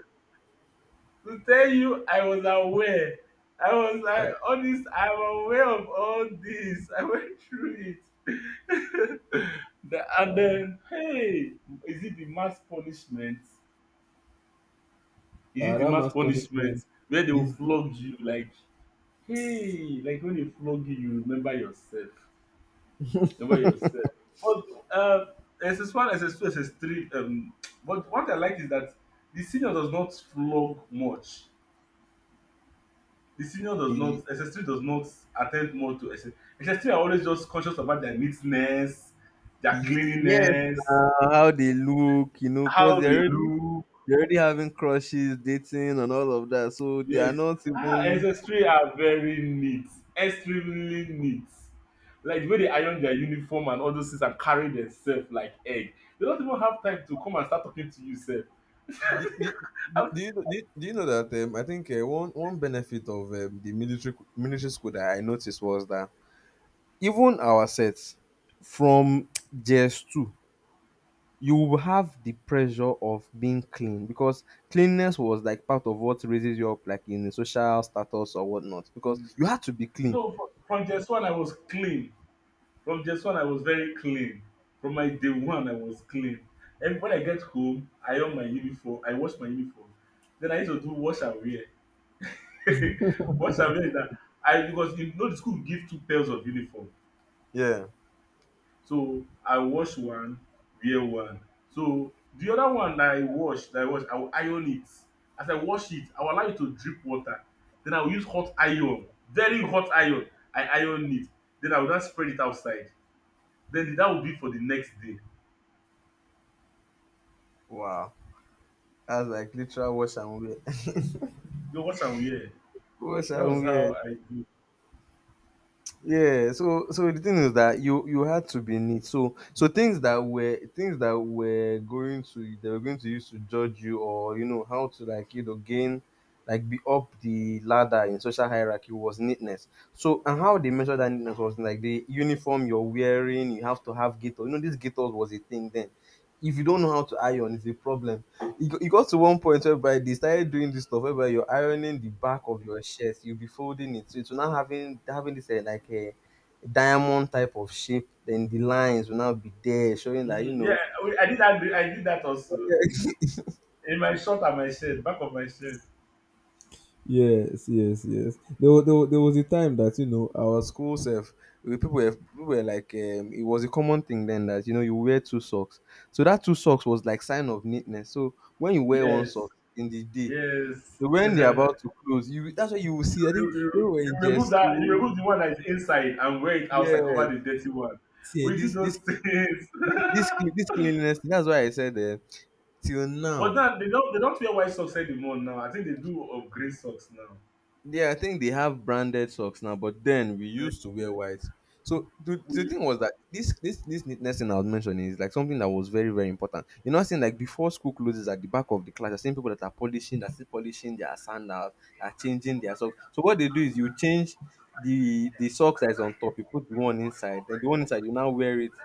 [SPEAKER 1] to tell you, I was aware. I was
[SPEAKER 2] Ah,
[SPEAKER 1] like, all this, I'm aware of all this. I went through it. And then, hey, is it the mass punishment? Is it the
[SPEAKER 2] that
[SPEAKER 1] mass
[SPEAKER 2] man's
[SPEAKER 1] punishment
[SPEAKER 2] punishment
[SPEAKER 1] where they will
[SPEAKER 2] is,
[SPEAKER 1] flog you? Like, hey, like when they flog you, you remember yourself, the way you said. But um, SS1, SS2, SS3. But what I like is that the senior does not flog much. The senior does
[SPEAKER 2] he,
[SPEAKER 1] not SS3 does not attend more to SS. SS3 are always just conscious about their neatness, their
[SPEAKER 2] yes,
[SPEAKER 1] cleanliness,
[SPEAKER 2] now, how they look, you know, because
[SPEAKER 1] how they look.
[SPEAKER 2] they're already having crushes, dating, and all of that. So they are
[SPEAKER 1] Yes,
[SPEAKER 2] not
[SPEAKER 1] ah,
[SPEAKER 2] even
[SPEAKER 1] SS3 are very neat, extremely neat. Like the way they iron their uniform and all those things and carry themselves like egg. They don't even have time to come and start talking to you, sir.
[SPEAKER 2] do, do, do you know that I think one one benefit of the military school that I noticed was that even our sets from JS two, you will have the pressure of being clean because cleanliness was like part of what raises you up, like in the social status or whatnot. Because you had to be clean.
[SPEAKER 1] No, from just one I was clean. From just one I was very clean. From my day one I was clean. And when I get home, I iron my uniform. I wash my uniform. Then I used to do wash and wear. Wash and wear is that I, because you know the school give two pairs of uniform.
[SPEAKER 2] Yeah.
[SPEAKER 1] So I wash one, wear one. So the other one that I wash I will iron it. As I wash it, I will allow it to drip water. Then I will use hot iron, very hot iron. I iron it. Then I will just spread it outside. Then that will be for the next day.
[SPEAKER 2] Wow. That's like literal wash and wear.
[SPEAKER 1] You wash and wear.
[SPEAKER 2] Wash
[SPEAKER 1] That was
[SPEAKER 2] and wear.
[SPEAKER 1] how I do.
[SPEAKER 2] Yeah, so so the thing is that you had to be neat. So so things that were going to they were going to use to judge you, or you know how to, like, you know, gain, like, be up the ladder in social hierarchy was neatness. So, and how they measured that neatness was like the uniform you're wearing, you have to have gaiters. You know, this gaiters was a thing then. If you don't know how to iron, it's a problem. It it got to one point whereby they started doing this stuff whereby you're ironing the back of your shirt, you'll be folding it. So it's now having this, eh, like a diamond type of shape. Then the lines will now be there, showing that you
[SPEAKER 1] Mm, yeah,
[SPEAKER 2] know.
[SPEAKER 1] I did that. I did that also in my short and my shirt, back of my shirt.
[SPEAKER 2] Yes, yes, yes. There was a time that, you know, our school self, we people were like, it was a common thing then that, you know, you wear two socks. So that two socks was like sign of neatness. So when you wear one sock
[SPEAKER 1] Yes,
[SPEAKER 2] in the day.
[SPEAKER 1] yes.
[SPEAKER 2] So when they're about to close, you, that's what you will
[SPEAKER 1] you,
[SPEAKER 2] see. I
[SPEAKER 1] you,
[SPEAKER 2] think when we
[SPEAKER 1] you you
[SPEAKER 2] were in
[SPEAKER 1] remove
[SPEAKER 2] just
[SPEAKER 1] that, you
[SPEAKER 2] two.
[SPEAKER 1] remove the one that is inside and wear it outside,
[SPEAKER 2] Yes,
[SPEAKER 1] cover the dirty one.
[SPEAKER 2] see
[SPEAKER 1] We did
[SPEAKER 2] this
[SPEAKER 1] those
[SPEAKER 2] this
[SPEAKER 1] things.
[SPEAKER 2] this this cleanliness thing. That's why I said that till
[SPEAKER 1] But
[SPEAKER 2] now.
[SPEAKER 1] now they don't, they don't wear white socks anymore. Now I think they do of grey socks now.
[SPEAKER 2] Yeah, I think they have branded socks now, but then we
[SPEAKER 1] Like,
[SPEAKER 2] used to wear white. So the
[SPEAKER 1] we,
[SPEAKER 2] thing was that this neatness thing I was mentioning is like something that was very, very important. You know, I'm saying like before school closes, at the back of the class, you're seeing people that are polishing, that still polishing their sandals, are changing their socks. So what they do is you change the socks that is on top, you put the one inside, then the one inside, you now wear it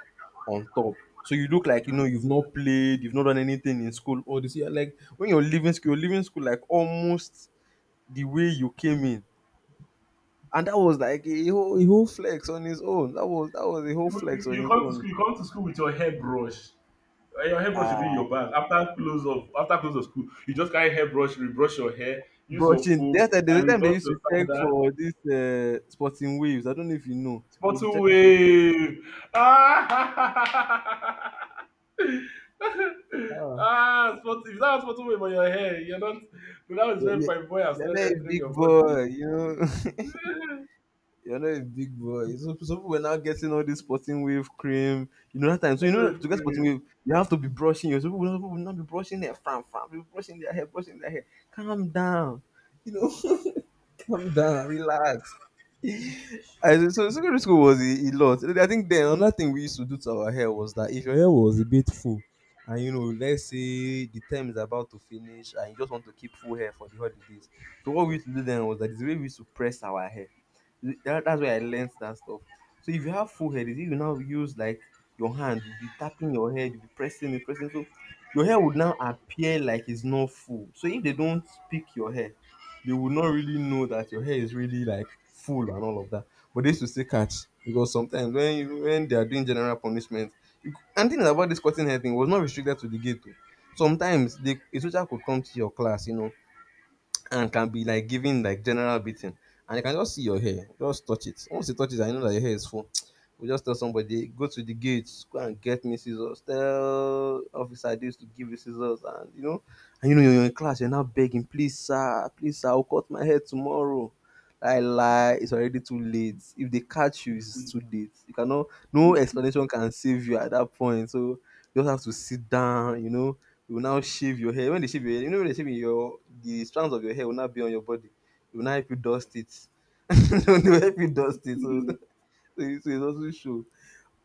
[SPEAKER 2] on top. So you look like, you know, you've not played, you've not done anything in school. Or this year, like when you're leaving school like almost the way you came in. And that was like a whole flex on his own. That was a whole flex on
[SPEAKER 1] you
[SPEAKER 2] his
[SPEAKER 1] come to
[SPEAKER 2] own.
[SPEAKER 1] school you come to school with your hairbrush. Your hairbrush will be in
[SPEAKER 2] Ah,
[SPEAKER 1] your bag. After close of, after close of school, you just carry hairbrush, rebrush your hair, use your
[SPEAKER 2] brushing.
[SPEAKER 1] foam
[SPEAKER 2] There's
[SPEAKER 1] and
[SPEAKER 2] a time they
[SPEAKER 1] rebrush
[SPEAKER 2] used
[SPEAKER 1] your
[SPEAKER 2] to check
[SPEAKER 1] sandal.
[SPEAKER 2] for this, sporting waves. I don't know if you know. You'll be
[SPEAKER 1] Spottle
[SPEAKER 2] checking for.
[SPEAKER 1] wave. Ah,
[SPEAKER 2] Ah,
[SPEAKER 1] ah, spot, if that was spottle wave on your hair, you're not. That was
[SPEAKER 2] you're,
[SPEAKER 1] when
[SPEAKER 2] you're
[SPEAKER 1] fine boy has
[SPEAKER 2] you're not
[SPEAKER 1] started
[SPEAKER 2] a
[SPEAKER 1] entering
[SPEAKER 2] big
[SPEAKER 1] your body.
[SPEAKER 2] boy, you know. You're not a big boy. So, so people were now getting all this sporting wave cream. You know, that time. So you
[SPEAKER 1] Spottle
[SPEAKER 2] know that
[SPEAKER 1] wave
[SPEAKER 2] to get sporting
[SPEAKER 1] cream.
[SPEAKER 2] wave, you have to be brushing your. So people will not be brushing their fram fram. People brushing their hair, brushing their hair. Calm down. You know, calm down, relax. I so secondary school was a lot. I think then another thing we used to do to our hair was that if your hair was a bit full, and you know, let's say the term is about to finish, and you just want to keep full hair for the holidays. So what we used to do then was that is the way we used to press our hair. That's where I learned that stuff. So if you have full hair, if you now use like your hand, you'll be tapping your head, you'll be pressing it, pressing. So your hair would now appear like it's not full. So if they don't pick your hair, they would not really know that your hair is really like full and all of that. But they used to say catch, because sometimes when when they are doing general punishment, and thing about this cutting hair thing was not restricted to the ghetto. Sometimes the a teacher could come to your class, you know, and can be like giving like general beating. And you can just see your hair, just touch it. Once you touch it, and you know that your hair is full. We just tell somebody, go to the gates, go and get me scissors. Tell officer this to give you scissors, and you know you're in class, you're now begging, please sir, I'll cut my hair tomorrow. I lie, it's already too late. If they catch you, it's too late. You cannot, no explanation can save you at that point. So you just have to sit down, you know, you will now shave your hair. When they shave your hair, you know when they shave your, the strands of your hair will now be on your body. It will now help you dust it. It will help you dust it. So, so it's, so it's also show.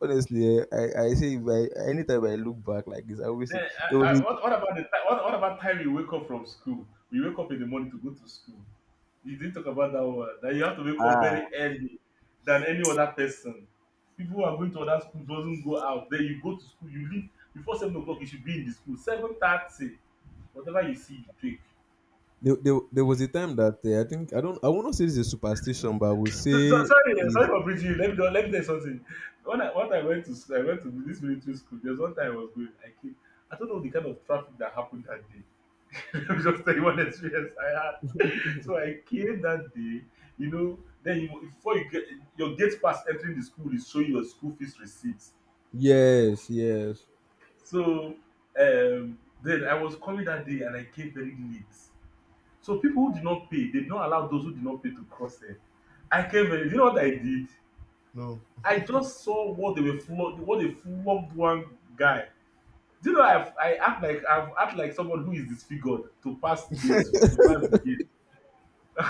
[SPEAKER 2] Honestly, eh, I say if I, anytime I look back like this, I always see
[SPEAKER 1] Then,
[SPEAKER 2] there
[SPEAKER 1] I,
[SPEAKER 2] was
[SPEAKER 1] I,
[SPEAKER 2] a
[SPEAKER 1] what, what about the time? What about time you wake up from school? We wake up in the morning to go to school. You didn't talk about that one. That you have to wake up
[SPEAKER 2] ah.
[SPEAKER 1] very early than any other person. People who are going to other school doesn't go out. Then you go to school. You leave before 7 o'clock. You should be in the school. 7:30. Whatever you see, you take.
[SPEAKER 2] There was a time that, I think I don't, I won't say this is a superstition, but I would
[SPEAKER 1] So, so,
[SPEAKER 2] say
[SPEAKER 1] sorry, eh, sorry
[SPEAKER 2] is.
[SPEAKER 1] for bridging you. Let me tell you something. When I went to school, I went to this military school. There's one time I was going. I came. I don't know the kind of traffic that happened that day. Let me just tell you one experience. I, so I came that day, you know. Then you, before you get your gate pass, entering the school is showing your school fees receipt.
[SPEAKER 2] Yes, yes.
[SPEAKER 1] So then I was coming that day and I came very late. So people who did not pay, they did not allow those who did not pay to cross there. I came very. You know what I did?
[SPEAKER 2] No.
[SPEAKER 1] I just saw what they were flogged. What they flogged one guy. Do you know I act like someone who is disfigured to pass the gate, to pass the gate.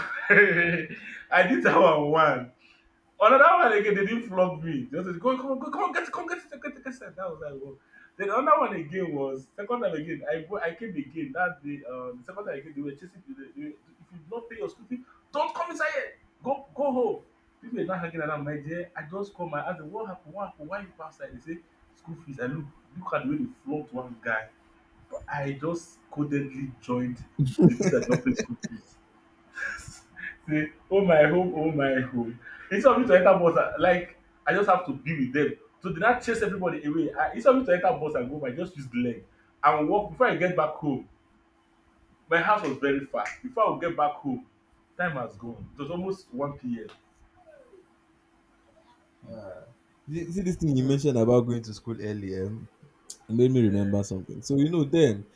[SPEAKER 1] I did that one. Another one again, they didn't flog me. They just go, come on, get it, come get it, get it, get it. That was like, well. Then another one again was second time again. I came again that day. The second time again, they were chasing me. If you don't pay your school fee, don't come inside here. Go, go home. People are not hanging around. My dear, I just come. I asked them, what happened? What happened? Why you go outside? They say school fees. I look at the way they flogged one guy. But I just codedly joined the people that don't pay school fees. Say, oh my home, oh my home. Instead of me to enter bus, I just have to be with them. So they now chase everybody away. I, instead of me to enter bus and go back, I just use the leg and walk. Before I get back home, my house was very far. Before I would get back home, time has gone. It was almost 1 p.m.
[SPEAKER 2] See, see this thing you
[SPEAKER 1] So,
[SPEAKER 2] mentioned about going to school earlier. It made me
[SPEAKER 1] uh,
[SPEAKER 2] remember something. So you know, then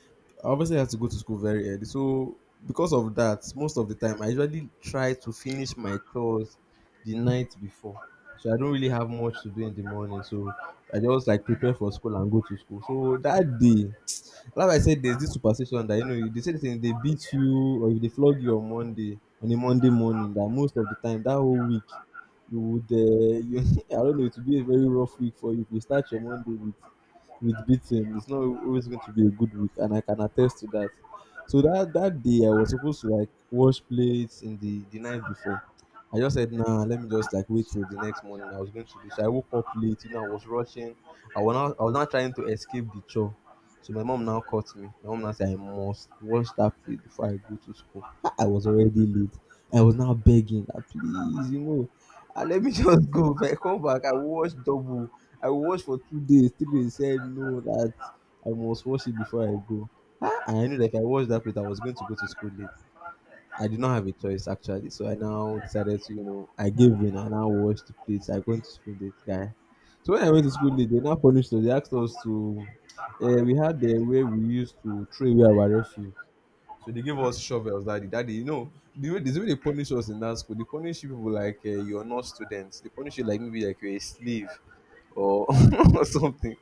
[SPEAKER 2] I obviously had to go to school very early. So because of that, most of the time I usually try to finish my chores the night before. So I don't really have much to do in the morning. So I just like prepare for school and go to school. So that day, like I said, there's this superstition that you know they say thing they beat you or if they flog you on Monday on a Monday morning that most of the time that whole week you would you I don't know it would be a very rough week for you if you start your Monday with beating. It's not always going to be a good week, and I can attest to that. So that day I was supposed to like wash plates in the night before. I just said, nah, let me just like wait till the next morning. I was going to do so. I woke up late, you know, I was rushing. I was now trying to escape the chore. So my mom now caught me. My mom now said I must wash that plate before I go to school. I was already late. I was now begging that please, you know, ah, let me just go. If I come back, I will wash double. I will watch for 2 days, 3 days. Said no, that I must watch it before I go. Ah, and I knew that if I watched that plate, I was going to go to school late. I did not have a choice actually, so I now decided to, you know, I gave in. I now watched the plates. I going to school late, guy. So when I went to school late, they now punished us. They asked us to. We had the way we used to throw away our refuse. So they gave us shovels, daddy, daddy. You know the way they punish us in that school. They punish you people like you're not students. They punish you like maybe like you're a slave or or something.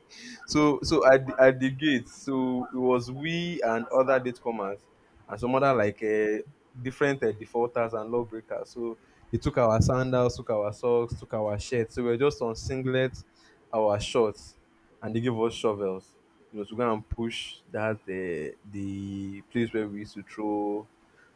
[SPEAKER 2] So at the gate, so it was we and other datecomers and some other like different defaulters and lawbreakers. So they took our sandals, took our socks, took our shirts. So we were just on singlets, our shorts, and they gave us shovels. You know, to go and push that the place where we used to throw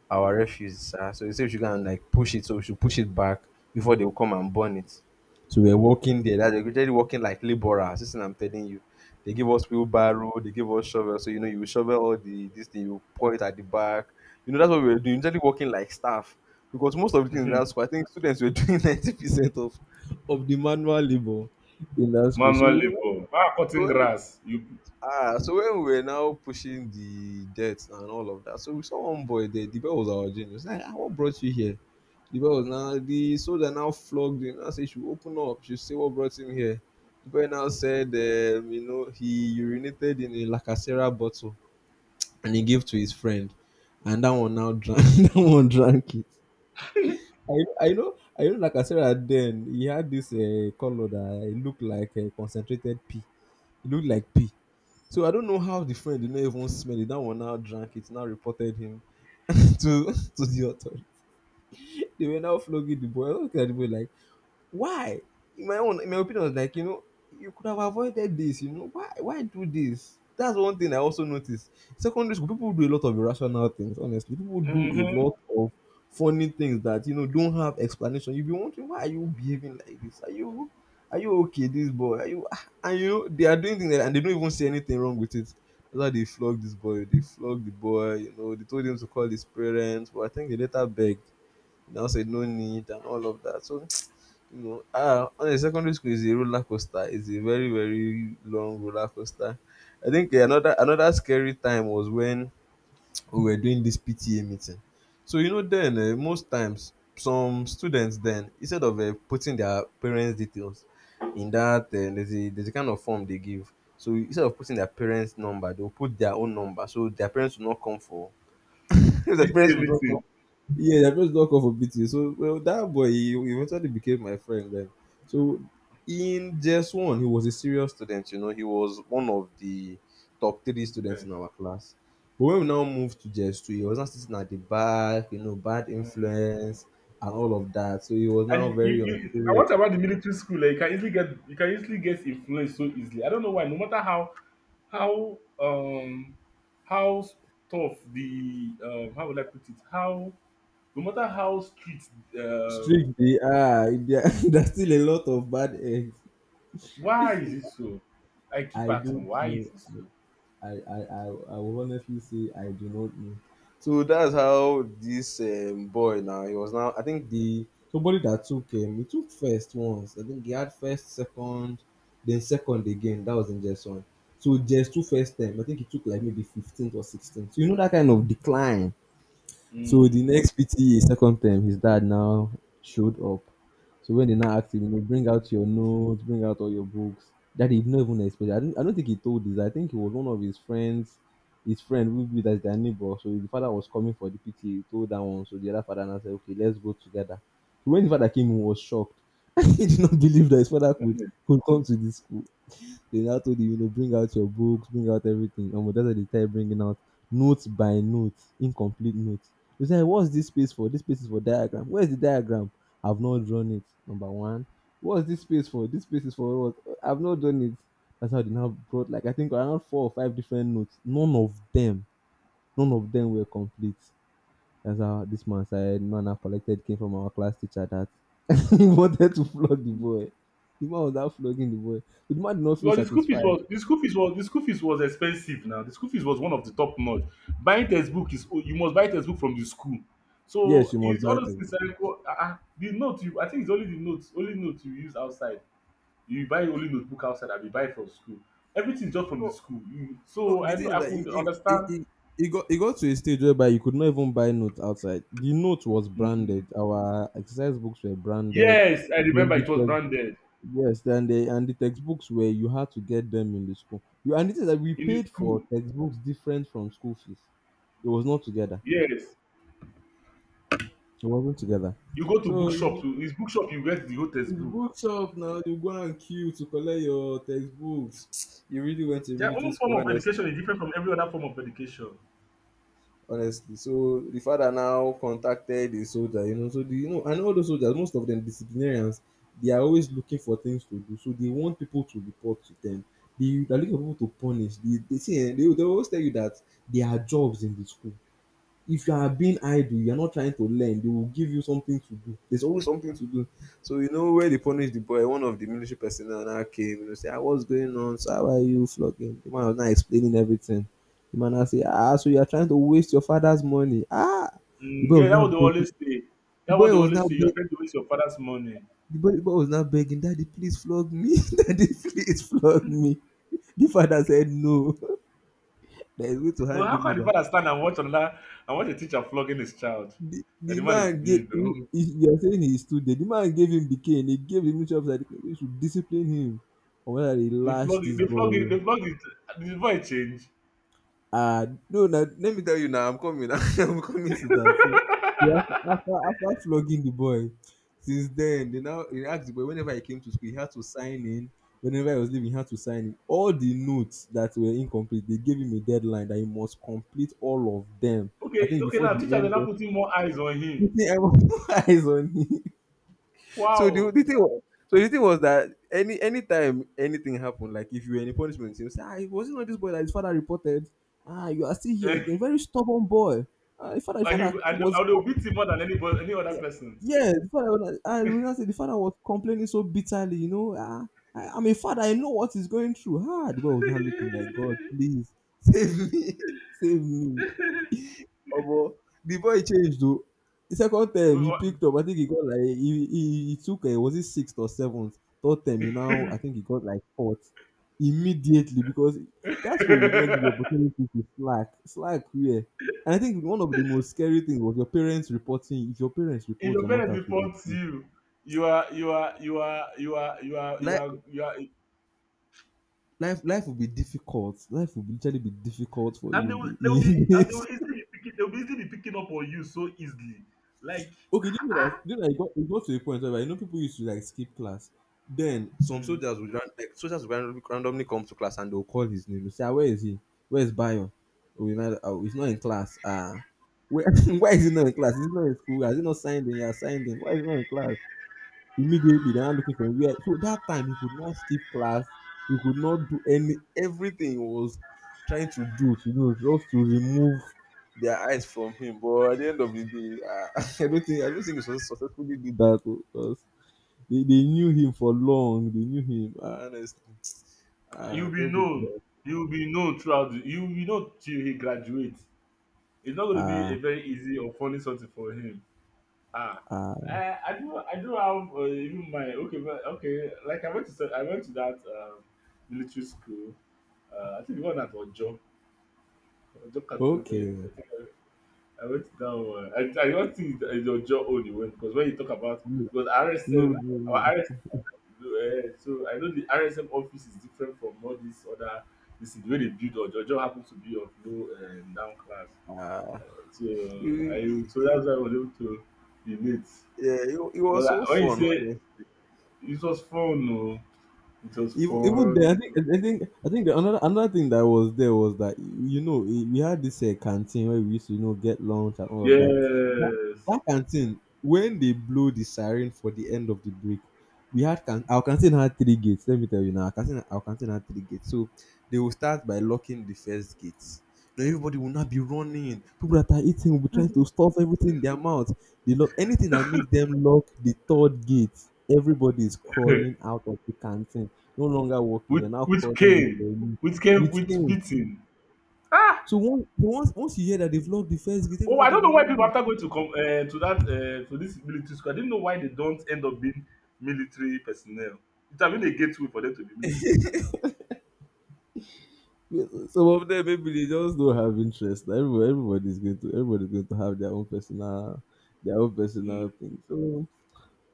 [SPEAKER 2] our refuse. So they said we should go and like push it, so we should push it back before they will come and burn it. So we're working there. That- They're literally working like laborers. This is what I'm telling you. They give us wheelbarrow, they give us shovel. So you know, you shovel all the this thing, you point at the back. You know, that's what we were doing. Usually working like staff. Because most of the things in that school, I think students were doing 90% of the manual labor in that school. So
[SPEAKER 1] manual
[SPEAKER 2] you know,
[SPEAKER 1] labour. Ah, cutting
[SPEAKER 2] so
[SPEAKER 1] grass. You.
[SPEAKER 2] ah, so when we were now pushing the debt and all of that, so we saw one boy there. The boy was our genius. Like, ah, what brought you here? The boy was now the soldier now flogged him. I said, she open up. She say, what brought him here? The boy now said, you know, he urinated in a lacacera bottle and he gave to his friend, and that one now drank. That one drank it. I know. Lacacera then he had this color that it looked like a concentrated pee. It looked like pee. So I don't know how the friend did not even smell it. That one now drank it, now reported him to the authority. They were now flogging the boy. I look at the boy like, why? In my own, in my opinion, I was like, you know, you could have avoided this, you know. Why do this? That's one thing I also noticed. Secondary school, people do a lot of irrational things, honestly. People do a
[SPEAKER 1] Mm-hmm.
[SPEAKER 2] lot of funny things that you know don't have explanation. You be wondering why are you behaving like this? Are you okay, this boy? Are you ah, and you know they are doing things like, and they don't even see anything wrong with it. That's why they flogged the boy, you know, they told him to call his parents, but I think they later begged. They now said no need and all of that. So you know ah on honestly secondary school is a roller coaster. It's a very long roller coaster. I think yeah, another scary time was when we were doing this PTA meeting. So you know then most times some students then instead of putting their parents details in that there's a kind of form they give, so instead of putting their parents number they'll put their own number so their parents will not come for the
[SPEAKER 1] PTA
[SPEAKER 2] parents will not come.
[SPEAKER 1] meeting.
[SPEAKER 2] Yeah, I just knock off a bit. Yeah. So well, that boy he eventually became my friend then. So in just one, he was a serious student. You know, he was one of the top three students
[SPEAKER 1] Yes.
[SPEAKER 2] in our class. But when we now moved to JS two, he was not sitting at the back. You know, bad influence and all of that. So he was now
[SPEAKER 1] And you,
[SPEAKER 2] very
[SPEAKER 1] you I
[SPEAKER 2] unserious.
[SPEAKER 1] what about the military school? Like you can easily get, you can easily get influenced so easily. I don't know why. No matter how how um how tough the, how would I put it? How, no matter how strict, um
[SPEAKER 2] Strict. They are. There- There's still a lot of bad eggs.
[SPEAKER 1] why is it so? I keep
[SPEAKER 2] I
[SPEAKER 1] asking,
[SPEAKER 2] don't
[SPEAKER 1] why is
[SPEAKER 2] know.
[SPEAKER 1] it so?
[SPEAKER 2] I, I, I, I will honestly say I do not know. So that's how this boy now, he was now, I think the, somebody that took him, he took first once. I think he had first, second, then second again. That was in just one. So just two first time. I think he took like maybe 15th or 16th. So you know that kind of decline, so
[SPEAKER 1] Mm.
[SPEAKER 2] the next PTA second term, his dad now showed up. So when they now asked him, you know, bring out your notes, bring out all your books, that he did not even expect. I don't think he told this. I think it was one of his friends, his friend who be that's their neighbor. So the father was coming for the PTA, he told that one. So the other father now said, okay, let's go together. So when the father came, he was shocked. He did not believe that his father could come to this school. They now told you, you know, bring out your books, bring out everything. And that's why they started bringing out notes by notes, incomplete notes. You say, what's this space for? This space is for diagram. Where's the diagram? I've not drawn it. Number one. What's this space for? This space is for what? I've not done it. That's how they now brought like I think around four or five different notes. None of them were complete. That's how this man said man I collected came from our class teacher that he wanted to flog the boy. The man was now flogging the boy. So the man did not feel
[SPEAKER 1] Because the school fees
[SPEAKER 2] satisfied.
[SPEAKER 1] was the school fees was the school fees was expensive now. The school fees was one of the top notch. Buying textbook is, oh, you must buy textbook from the school.
[SPEAKER 2] Yes,
[SPEAKER 1] So
[SPEAKER 2] you must
[SPEAKER 1] it's all
[SPEAKER 2] buy a
[SPEAKER 1] those things
[SPEAKER 2] textbook.
[SPEAKER 1] like, oh, ah, ah, the note you, I think it's only the notes, only notes you use outside. You buy only notebook outside and you buy from school. Everything is just from the
[SPEAKER 2] No,
[SPEAKER 1] school. You,
[SPEAKER 2] no,
[SPEAKER 1] so
[SPEAKER 2] the
[SPEAKER 1] I
[SPEAKER 2] thing
[SPEAKER 1] know
[SPEAKER 2] is
[SPEAKER 1] I
[SPEAKER 2] that
[SPEAKER 1] could understand.
[SPEAKER 2] it got to a stage whereby you could not even buy notes outside. The note was
[SPEAKER 1] Mhm.
[SPEAKER 2] branded. Our exercise books were branded.
[SPEAKER 1] Yes, I
[SPEAKER 2] Then
[SPEAKER 1] remember
[SPEAKER 2] the
[SPEAKER 1] it was
[SPEAKER 2] text,
[SPEAKER 1] branded
[SPEAKER 2] yes, then they and the textbooks were you had to get them in the school. You and it is that we
[SPEAKER 1] in the
[SPEAKER 2] paid
[SPEAKER 1] school.
[SPEAKER 2] for textbooks different from school fees. It was not together.
[SPEAKER 1] Yes.
[SPEAKER 2] It wasn't together.
[SPEAKER 1] You go to
[SPEAKER 2] So you
[SPEAKER 1] bookshop,
[SPEAKER 2] know,
[SPEAKER 1] to his bookshop you get the whole
[SPEAKER 2] it's
[SPEAKER 1] textbook.
[SPEAKER 2] bookshop now. You go and queue to collect your textbooks. You really went to
[SPEAKER 1] Their
[SPEAKER 2] military
[SPEAKER 1] own form
[SPEAKER 2] school,
[SPEAKER 1] of
[SPEAKER 2] honestly.
[SPEAKER 1] education is different from every other form of education.
[SPEAKER 2] Honestly. So the father now contacted the soldier, you know. So the you know, and all those soldiers, most of them disciplinarians, they are always looking for things to do. So they want people to report to them. They are looking for people to punish. They see, eh, they always tell you that there are jobs in the school. If you are being idle, you are not trying to learn, they will give you something to do. There's always something to do. So you know where they punish the boy, one of the military personnel now came, you know, say, ah, what's going on? So how are you flogging? The man was now explaining everything. The man now say, ah, so you are trying to waste your father's money. Ah, the
[SPEAKER 1] Mm,
[SPEAKER 2] boy
[SPEAKER 1] yeah,
[SPEAKER 2] was
[SPEAKER 1] that
[SPEAKER 2] now
[SPEAKER 1] what they
[SPEAKER 2] begging.
[SPEAKER 1] always say.
[SPEAKER 2] The
[SPEAKER 1] That what
[SPEAKER 2] boy
[SPEAKER 1] they
[SPEAKER 2] was now
[SPEAKER 1] always say. You're
[SPEAKER 2] begging.
[SPEAKER 1] trying to waste your father's money.
[SPEAKER 2] The boy was now begging, Daddy, please flog me. Daddy, please flog me. The father said no. There is way to
[SPEAKER 1] But
[SPEAKER 2] hand
[SPEAKER 1] how
[SPEAKER 2] him
[SPEAKER 1] can the
[SPEAKER 2] over.
[SPEAKER 1] father stand and watch another and watch a teacher flogging his child?
[SPEAKER 2] The
[SPEAKER 1] That
[SPEAKER 2] the
[SPEAKER 1] the man is
[SPEAKER 2] man gave
[SPEAKER 1] mean, no?
[SPEAKER 2] is you're saying he stood there. The man gave him the cane. He gave him instructions that they should discipline him or whether they
[SPEAKER 1] They
[SPEAKER 2] lash
[SPEAKER 1] flog it,
[SPEAKER 2] this
[SPEAKER 1] they flog it,
[SPEAKER 2] boy.
[SPEAKER 1] they flog it. The boy change.
[SPEAKER 2] Ah, no, now let me tell you now. I'm coming. I'm coming to that. So yeah, after flogging the boy, since then they now he asked the boy whenever he came to school, he had to sign in. Whenever he was leaving, he had to sign in. All the notes that were incomplete, they gave him a deadline that he must complete all of them. I
[SPEAKER 1] Okay,
[SPEAKER 2] think
[SPEAKER 1] okay,
[SPEAKER 2] before
[SPEAKER 1] now
[SPEAKER 2] the
[SPEAKER 1] teachers are
[SPEAKER 2] end
[SPEAKER 1] now
[SPEAKER 2] of
[SPEAKER 1] putting more eyes on him.
[SPEAKER 2] putting everyone's eyes on him. so the,
[SPEAKER 1] Wow.
[SPEAKER 2] the thing was, so the thing was that anytime anything happened, like if you were in a punishment, you say, ah, it wasn't not this boy that his father reported. Ah, you are still here
[SPEAKER 1] Eh,
[SPEAKER 2] again. Very stubborn boy. Ah, his father was.
[SPEAKER 1] and they'll beat him more than anybody any other
[SPEAKER 2] Yeah.
[SPEAKER 1] person.
[SPEAKER 2] Yeah, the father was like, I realized that the father was complaining so bitterly, you know. Ah, I'm a father, I know what he's going through. Ah, the boy was not looking like, God, please, save me, save me. Omo, the boy changed though. The second
[SPEAKER 1] We
[SPEAKER 2] time he
[SPEAKER 1] all-
[SPEAKER 2] picked up, I think he got like he took was it sixth or seventh? Third time he now I think he got like fourth immediately because that school would not give
[SPEAKER 1] if
[SPEAKER 2] you opportunity to slack. Slack where? And I think one of the most scary things was your parents reporting. If your parents report
[SPEAKER 1] your
[SPEAKER 2] your
[SPEAKER 1] parents
[SPEAKER 2] mother to the
[SPEAKER 1] report
[SPEAKER 2] school,
[SPEAKER 1] you, you are you are you are you are you are you are
[SPEAKER 2] life
[SPEAKER 1] you are
[SPEAKER 2] life life will be difficult. Life will literally be difficult for
[SPEAKER 1] and
[SPEAKER 2] you in the
[SPEAKER 1] they will be
[SPEAKER 2] in
[SPEAKER 1] and they will
[SPEAKER 2] this.
[SPEAKER 1] easily be picking they will be easily be picking up on you so easily, like,
[SPEAKER 2] Okay, do you know that it got to a point where, you know, people used to like skip class. Then some
[SPEAKER 1] mm,
[SPEAKER 2] soldiers would ran, like soldiers would randomly come to class and they'll call his name. They'll say, "Ah, where is he? Where is Bayo? Oh, he's not in class. Ah, where why is he not in class? Is he not in school? Has he not signed in? He has signed in. Why is he not in class?" Immediately, they're looking for where. So that time he could not skip class, he could not do any everything he was trying to do just to remove their eyes from him. But at the end of the day, I don't think he successfully did that, oh, because they knew him for long. They knew him. Ah, honestly. Ah,
[SPEAKER 1] you'll be
[SPEAKER 2] tell people.
[SPEAKER 1] known you'll be known throughout the, you'll be known till he graduates. It's not going to be
[SPEAKER 2] Ah,
[SPEAKER 1] a very easy or funny something for him. Ah,
[SPEAKER 2] ah,
[SPEAKER 1] I do have, even my, okay, but okay, like I went to I went to that military school, I think the one at Ojo, Ojo Cantonment I
[SPEAKER 2] okay,
[SPEAKER 1] think. I went down. One, I don't think it's your jaw only went, because when you talk about, because
[SPEAKER 2] no,
[SPEAKER 1] RSM,
[SPEAKER 2] no,
[SPEAKER 1] our
[SPEAKER 2] no.
[SPEAKER 1] RSM, so I know the RSM office is different from all these other. This is the way they build, or Jojo happens to be of low and down class.
[SPEAKER 2] Ah,
[SPEAKER 1] So
[SPEAKER 2] he,
[SPEAKER 1] I, so
[SPEAKER 2] he,
[SPEAKER 1] that's why I was able to relate.
[SPEAKER 2] yeah, it
[SPEAKER 1] But
[SPEAKER 2] was so
[SPEAKER 1] I, when you
[SPEAKER 2] fun.
[SPEAKER 1] say it was fun, no, it was
[SPEAKER 2] Even there, I
[SPEAKER 1] fun.
[SPEAKER 2] think I think the, another thing that was there was that, you know, eh, we had this canteen where we used to, you know, get lunch and all of that. That,
[SPEAKER 1] Yes,
[SPEAKER 2] that canteen, when they blow the siren for the end of the break, we had can our canteen had three gates. Let me tell you now, our canteen had three gates. So they will start by locking the first gate. Now everybody will not be running. People that are eating will be trying to stuff everything in their mouth. They lock anything that makes them lock the third gate. Everybody is crawling out of the canteen, no longer walking,
[SPEAKER 1] which
[SPEAKER 2] you're now
[SPEAKER 1] which
[SPEAKER 2] crawling with
[SPEAKER 1] came,
[SPEAKER 2] your knee,
[SPEAKER 1] which came
[SPEAKER 2] with
[SPEAKER 1] with
[SPEAKER 2] cane.
[SPEAKER 1] beating.
[SPEAKER 2] So once once you hear that they've locked the fence gate,
[SPEAKER 1] Oh, I
[SPEAKER 2] everybody
[SPEAKER 1] don't
[SPEAKER 2] will
[SPEAKER 1] know
[SPEAKER 2] be
[SPEAKER 1] why people,
[SPEAKER 2] running.
[SPEAKER 1] after going to come to that, to this military school, I didn't know why they don't end up being military personnel. It have been a gateway for them to be military personnel.
[SPEAKER 2] Yes. Some of them maybe they just don't have interest. Everybody's going to have their own
[SPEAKER 1] Mm.
[SPEAKER 2] personal thing. So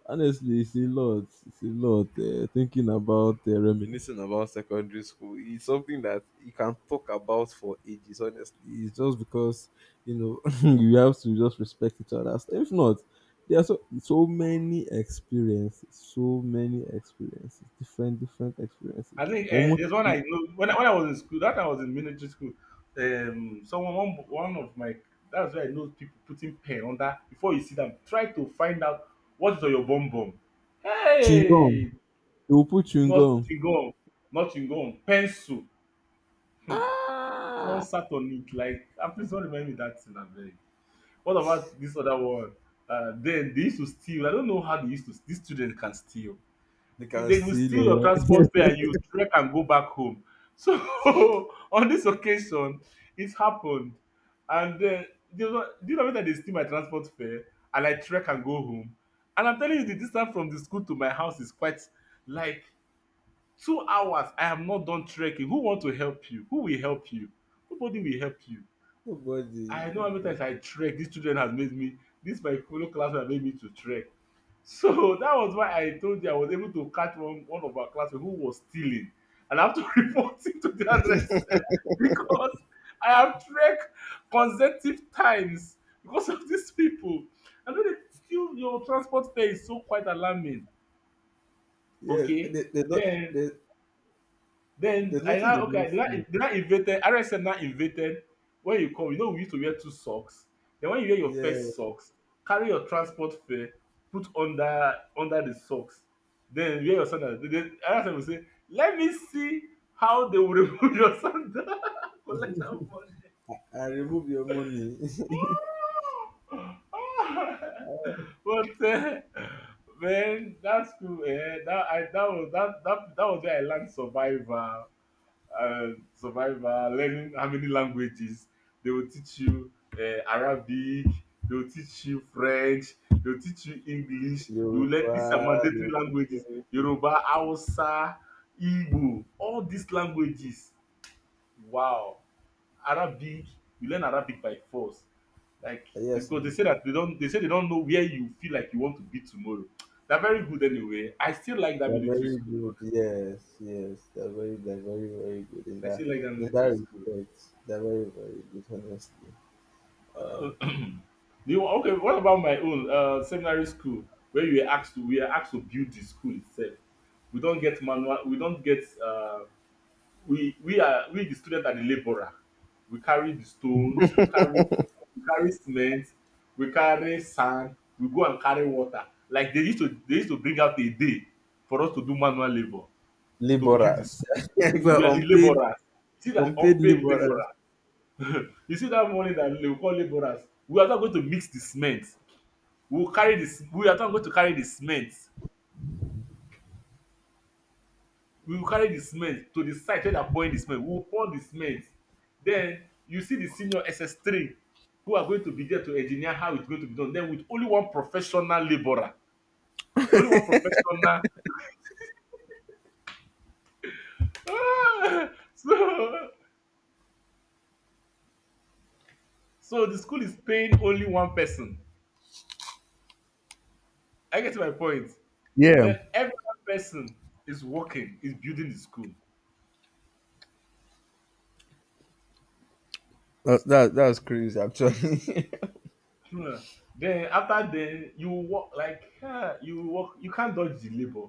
[SPEAKER 2] honestly, it's a lot. It's a lot. Thinking about reminiscing about secondary school is something that you can talk about for ages. Honestly, it's just because, you know, you have to just respect each other. If not, there are so many experiences, different experiences.
[SPEAKER 1] I think
[SPEAKER 2] Almost
[SPEAKER 1] there's one I know when I was in school. That time I was in military school. Someone, one of my, that's where I know people putting pen under before you see them. Try to find out what is on your bum bum.
[SPEAKER 2] chewing gum.
[SPEAKER 1] Hey,
[SPEAKER 2] They will put chewing
[SPEAKER 1] not
[SPEAKER 2] gum.
[SPEAKER 1] gum, not gum, pencil. Hmm. Someone
[SPEAKER 2] Ah,
[SPEAKER 1] sat on it like, ah, please don't remind me that thing. What about this other one? Then they used to steal. I don't know how they used to. These students can steal.
[SPEAKER 2] they
[SPEAKER 1] If
[SPEAKER 2] can
[SPEAKER 1] they will steal your
[SPEAKER 2] steal.
[SPEAKER 1] transport fare, and you trek and go back home. So on this occasion, it happened, and then they were, do you know that they steal my transport fare, and I trek and go home. And I'm telling you, the distance from the school to my house is quite like 2 hours. I have not done trekking. Who want to help you? Who will help you? Nobody will help you.
[SPEAKER 2] Nobody,
[SPEAKER 1] I know how many
[SPEAKER 2] nobody.
[SPEAKER 1] times I trek dis children has made me. This my fellow classmate has made me to trek. So that was why I told you I was able to catch one of our classmate who was stealing, and I have to report him to the RSM because I have trek consecutive times because of these people. I know dey steal your transport fare is so quite alarming.
[SPEAKER 2] Yes,
[SPEAKER 1] Okay,
[SPEAKER 2] they don't.
[SPEAKER 1] then.
[SPEAKER 2] They,
[SPEAKER 1] Then
[SPEAKER 2] there's
[SPEAKER 1] I
[SPEAKER 2] nothing
[SPEAKER 1] now
[SPEAKER 2] they don't
[SPEAKER 1] okay, they now they
[SPEAKER 2] see.
[SPEAKER 1] now invented RSM now invented when you come, you know we used to wear two socks. Then when you wear your first
[SPEAKER 2] Yeah,
[SPEAKER 1] socks, carry your transport fare, put under the socks. Then wear your sandals. Then RSM will say, let me see how they will remove your sandal. Collect that money.
[SPEAKER 2] and remove your money.
[SPEAKER 1] but Man, that's cool. Eh? That I that was that that that was where I learned survival, survival, learning how many languages. They will teach you Arabic, they will teach you French, they will teach you English. You will learn
[SPEAKER 2] Yoruba,
[SPEAKER 1] these are mandatory
[SPEAKER 2] they'll teach
[SPEAKER 1] languages.
[SPEAKER 2] you.
[SPEAKER 1] Yoruba, Hausa, Igbo, all these languages. Wow. Arabic, you learn Arabic by force. Like,
[SPEAKER 2] Yes,
[SPEAKER 1] because they
[SPEAKER 2] ma'am.
[SPEAKER 1] say that they say they don't know where you feel like you want to be tomorrow. They're very good anyway. I still like that
[SPEAKER 2] They're
[SPEAKER 1] military
[SPEAKER 2] very
[SPEAKER 1] school,
[SPEAKER 2] good.
[SPEAKER 1] honestly.
[SPEAKER 2] Yes, yes, they're very, very good
[SPEAKER 1] I still like that
[SPEAKER 2] in that
[SPEAKER 1] military school.
[SPEAKER 2] respect. They're very, very good, honestly. Uh,
[SPEAKER 1] Okay, what about my own seminary school where you were asked to we are asked to build the school itself? We don't get manual. We don't get. We are we the student are the laborer. We carry the stone. We carry cement. We carry sand. We go and carry water. Like they used to bring out a day for us to do manual labor to build
[SPEAKER 2] laborers,
[SPEAKER 1] this.
[SPEAKER 2] well,
[SPEAKER 1] We are the
[SPEAKER 2] unpaid,
[SPEAKER 1] laborers. See that
[SPEAKER 2] unpaid
[SPEAKER 1] unpaid
[SPEAKER 2] laborers.
[SPEAKER 1] laborer. You see that money that they will call laborers, we are not going to mix the cement, we will carry this. We are not going to carry the cement, we will carry the cement to the site where they are pouring the cement, we will pour the cement. Then you see the senior ss3 who are going to be there to engineer how it's going to be done, then with only one professional labourer, only one professional. ah, so so the school is paying only one person. I get my point.
[SPEAKER 2] Yeah,
[SPEAKER 1] Then every one person is working, is building the school.
[SPEAKER 2] that that's crazy, actually.
[SPEAKER 1] Hmm. Then after, then you walk like, you walk, you can't dodge the labor.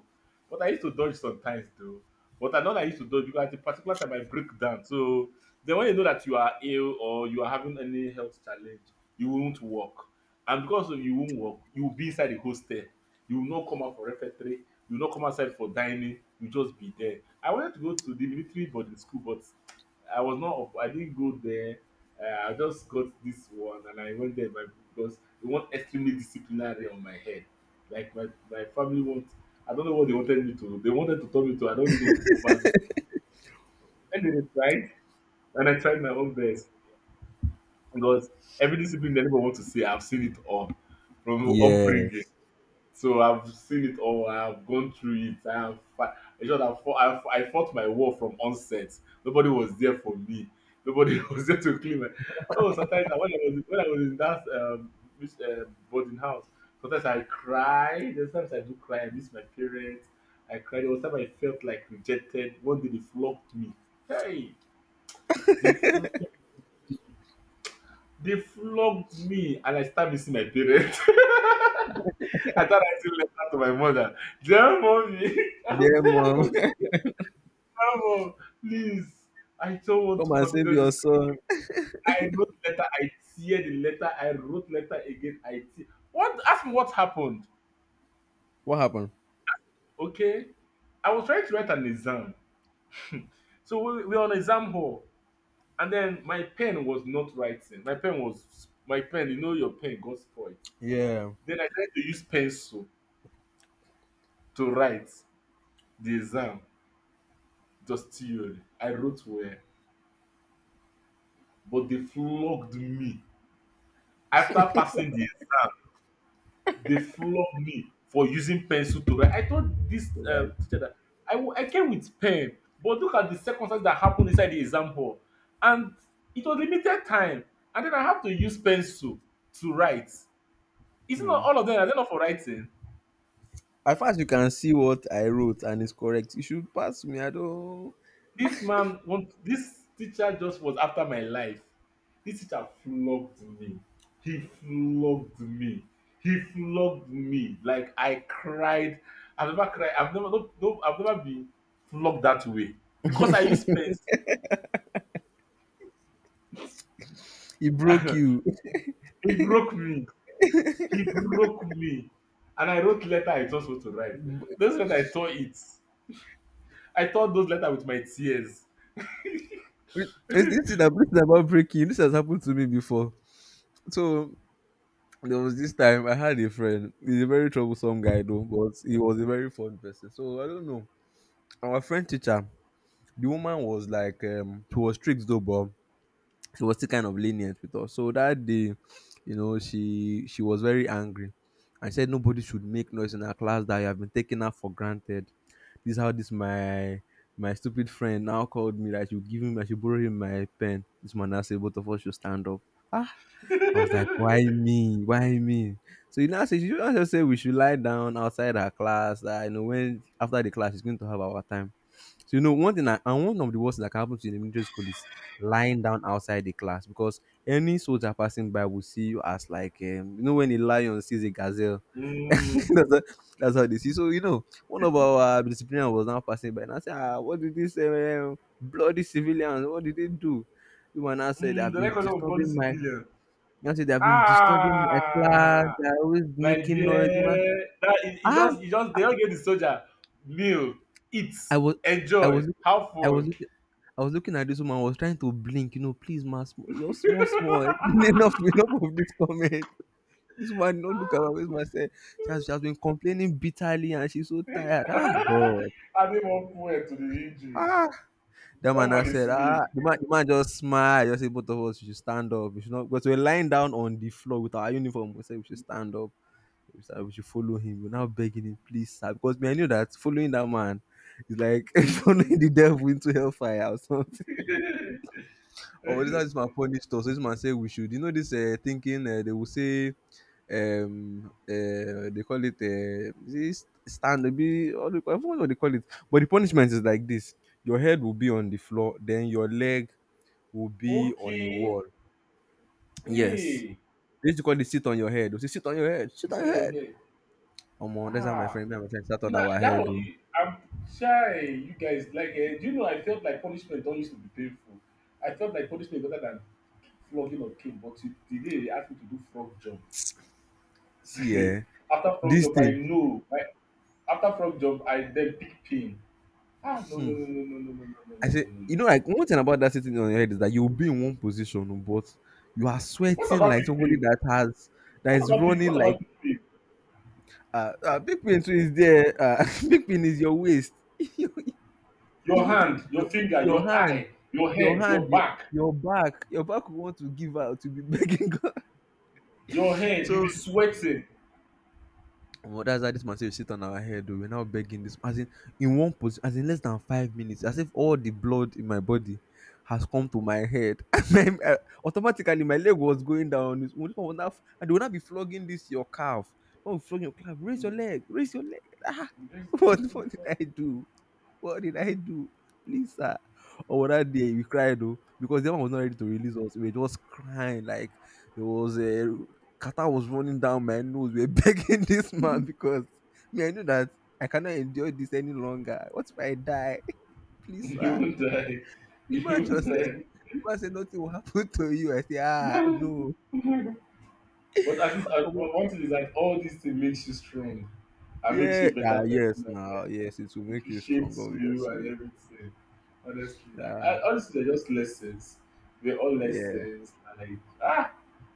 [SPEAKER 1] But I used to dodge sometimes though. But I know that I used to dodge because at a particular time I break down. So then when you know that you are ill or you are having any health challenge, you won't walk. And because of you won't walk, you will be inside the hostel. You will not come out for refectory, you will not come outside for dining, you just be there. I wanted to go to the military boarding school, but I was not up, I didn't go there. I just got this one and I went there by, because they want extremely disciplinary on my head. Like my family wants, I don't know what they wanted me to. They wanted to tell me to, I don't know, over this. And then I tried, and I tried my own best, because every discipline that anyone wants to see, I've seen it all from upbringing.
[SPEAKER 2] Yes,
[SPEAKER 1] So I've seen it all. I've gone through it. In short, I fought, I fought my war from onset. Nobody was there for me. Nobody was there to clean my. Oh, sometimes when I was in that this, boarding house, sometimes I cry. There's times I do cry. I miss my parents. I cried. There was time I felt like rejected. One day they flogged me. Hey, they fl- they flogged me, and I started missing my parents. I thought I still left that to my mother. Dear mommy, I'm
[SPEAKER 2] yeah,
[SPEAKER 1] tired
[SPEAKER 2] mom,
[SPEAKER 1] of drama. Please, I don't want to
[SPEAKER 2] come and save
[SPEAKER 1] continue
[SPEAKER 2] your
[SPEAKER 1] this.
[SPEAKER 2] son.
[SPEAKER 1] I wrote letter, I tear the letter, I wrote letter again, I tear. What? Ask me what happened.
[SPEAKER 2] What happened?
[SPEAKER 1] Okay, I was trying to write an exam, so we are on exam hall, and then my pen was not writing. My pen. You know your pen got spoiled.
[SPEAKER 2] Yeah,
[SPEAKER 1] Then I tried to use pencil to write the exam. Just theory. I wrote well. But they flogged me. After passing this, they flogged me for using pencil to write. I told this
[SPEAKER 2] right.
[SPEAKER 1] teacher that I came with pen, but look at the circumstances that happened inside the exam hall. And it was limited time. And then I have to use pencil to write. Isn't
[SPEAKER 2] Hmm.
[SPEAKER 1] all of them, are they not for writing?
[SPEAKER 2] As far as you can see what I wrote and it's correct, you should pass me. I don't.
[SPEAKER 1] This man want This teacher just was after my life. This teacher flogged me. He flogged me. He flogged me. Like I cried. I've never cried. I've never No, no, I've never been flogged that way. Because I use pencil.
[SPEAKER 2] It broke you.
[SPEAKER 1] He broke me. He broke me. And I wrote letter I was not supposed to write.
[SPEAKER 2] Wait,
[SPEAKER 1] Those letter I tore it. I tore those letter with my tears.
[SPEAKER 2] this this is about breaking. This has happened to me before. So there was this time I had a friend. He's a very troublesome guy though, but he was a very fun person. So I don't know. Our friend teacher, the woman was like, she was strict though, but she was still kind of lenient with us. So that day, you know, she was very angry and said nobody should make noise in her class, that you have been taking her for granted. This is how this my stupid friend now called me that you give him I should borrow him my pen. This man now said both of us should stand up. Ah, I was like, why me? Why me? So you now say, you now just say we should lie down outside our class. That you know when after the class is going to have our time. So you know one thing I, and one of the worst that can happen to you in the military school is lying down outside the class, because any soldier passing by will see you as like, you know, when a lion sees a gazelle.
[SPEAKER 1] Mm,
[SPEAKER 2] that's, how, that's how they see. So you know, one of our disciplinarian was now passing by and I said, ah, what did this bloody civilians? What did they do? The one now said, I've
[SPEAKER 1] the
[SPEAKER 2] been
[SPEAKER 1] record of bloody
[SPEAKER 2] disturbing my.
[SPEAKER 1] civilian.
[SPEAKER 2] Now said they've been disturbing my class.
[SPEAKER 1] Ah,
[SPEAKER 2] They're always
[SPEAKER 1] my
[SPEAKER 2] making noise. Man.
[SPEAKER 1] dear, that it, it
[SPEAKER 2] Ah,
[SPEAKER 1] just it just they don't get the soldier meal, eat,
[SPEAKER 2] I was, I
[SPEAKER 1] enjoy,
[SPEAKER 2] was, look-
[SPEAKER 1] have
[SPEAKER 2] I was
[SPEAKER 1] fun.
[SPEAKER 2] looking. I was looking at this woman. I was trying to blink. You know, please, ma, you're small, small. Enough, enough of this comment. This woman did not look at my face.
[SPEAKER 1] Ah.
[SPEAKER 2] Man said she has been complaining bitterly, and she's so tired. Ah, God.
[SPEAKER 1] Adding more fuel to the injury.
[SPEAKER 2] Ah, that
[SPEAKER 1] That
[SPEAKER 2] man I
[SPEAKER 1] one is
[SPEAKER 2] said,
[SPEAKER 1] me.
[SPEAKER 2] ah, the man just smiled. Just said, both of us, we should stand up. We should not because we were lying down on the floor with our uniform. We said we should stand up. We said we should follow him. We're now begging him, please, sir. Because me, I knew that following that man is like
[SPEAKER 1] Is
[SPEAKER 2] following the
[SPEAKER 1] finished.
[SPEAKER 2] devil into hellfire or something. Or this is how this man punished us. This man said we should. You know this thinking they will say um uh, they call it this stand be I forgot what they call it. But the punishment is like this: your head will be on the floor, then your leg will be on a
[SPEAKER 1] Okay.
[SPEAKER 2] wall. Yes.
[SPEAKER 1] Hey,
[SPEAKER 2] They used to call it sit on your head. They say, sit on your head, sit
[SPEAKER 1] sit
[SPEAKER 2] on
[SPEAKER 1] on
[SPEAKER 2] your
[SPEAKER 1] your
[SPEAKER 2] head.
[SPEAKER 1] head.
[SPEAKER 2] Omo, that's how my
[SPEAKER 1] Ah,
[SPEAKER 2] friend, me and my friend sat on
[SPEAKER 1] nah,
[SPEAKER 2] our
[SPEAKER 1] that
[SPEAKER 2] head.
[SPEAKER 1] was.
[SPEAKER 2] Oh.
[SPEAKER 1] I'm shy. You guys like. Do you know? I felt like punishment don't used to be painful. I felt like punishment better than flogging of cane, but today they asked me to do frog jump.
[SPEAKER 2] See, eh,
[SPEAKER 1] After from
[SPEAKER 2] this
[SPEAKER 1] job I
[SPEAKER 2] thing.
[SPEAKER 1] know my, after from job I then pick pain. Ah, no, no,
[SPEAKER 2] Hmm.
[SPEAKER 1] no, no, no, no, no,
[SPEAKER 2] I
[SPEAKER 1] no, no,
[SPEAKER 2] said,
[SPEAKER 1] no, no,
[SPEAKER 2] you
[SPEAKER 1] no.
[SPEAKER 2] know, like one thing about that sitting on your head is that you'll be in one position, oh, but you are
[SPEAKER 1] What
[SPEAKER 2] sweating
[SPEAKER 1] about
[SPEAKER 2] like
[SPEAKER 1] pick
[SPEAKER 2] somebody
[SPEAKER 1] pain?
[SPEAKER 2] that has that is running
[SPEAKER 1] What
[SPEAKER 2] like
[SPEAKER 1] about pick pain?
[SPEAKER 2] big pin too is there. Big pin is your waist. you,
[SPEAKER 1] Your
[SPEAKER 2] you,
[SPEAKER 1] hand, your
[SPEAKER 2] your,
[SPEAKER 1] finger,
[SPEAKER 2] your
[SPEAKER 1] your
[SPEAKER 2] hand,
[SPEAKER 1] eye, your head, your
[SPEAKER 2] your
[SPEAKER 1] back,
[SPEAKER 2] your back will want to give out to be begging God.
[SPEAKER 1] your head, you be
[SPEAKER 2] So
[SPEAKER 1] sweating.
[SPEAKER 2] Omo, that's how this man say we sit on our head oh, we're now begging this as in one position, as in less than 5 minutes, as if all the blood in my body has come to my head and my, automatically my leg was going down this one was now, and they will not be flogging this your calf when flogging your calf raise your
[SPEAKER 1] Mm.
[SPEAKER 2] leg, raise your leg. Ah,
[SPEAKER 1] you just
[SPEAKER 2] what did
[SPEAKER 1] don't-
[SPEAKER 2] I do, what did I do? Please, sir. Or that day we cried though, because the man was not ready to release us. We were just crying like there was a Qatar was running down my nose. We were begging this man because me, I know that I cannot endure this any longer. What if I die? Please,
[SPEAKER 1] Don't. You
[SPEAKER 2] sir.
[SPEAKER 1] won't die.
[SPEAKER 2] The
[SPEAKER 1] You
[SPEAKER 2] man
[SPEAKER 1] won't
[SPEAKER 2] just said,
[SPEAKER 1] die.
[SPEAKER 2] the man said nothing will happen to you. I say, ah, no.
[SPEAKER 1] But at least, one
[SPEAKER 2] Omo,
[SPEAKER 1] one thing is that all these things makes you strong and makes
[SPEAKER 2] yeah,
[SPEAKER 1] you a better
[SPEAKER 2] ah, yes,
[SPEAKER 1] person,
[SPEAKER 2] now, yes, it will make
[SPEAKER 1] it
[SPEAKER 2] you strong,
[SPEAKER 1] shapes you and
[SPEAKER 2] obviously.
[SPEAKER 1] everything. Honestly,
[SPEAKER 2] Yeah,
[SPEAKER 1] honestly, they're just lessons. They're all
[SPEAKER 2] yeah,
[SPEAKER 1] lessons. Like, ah,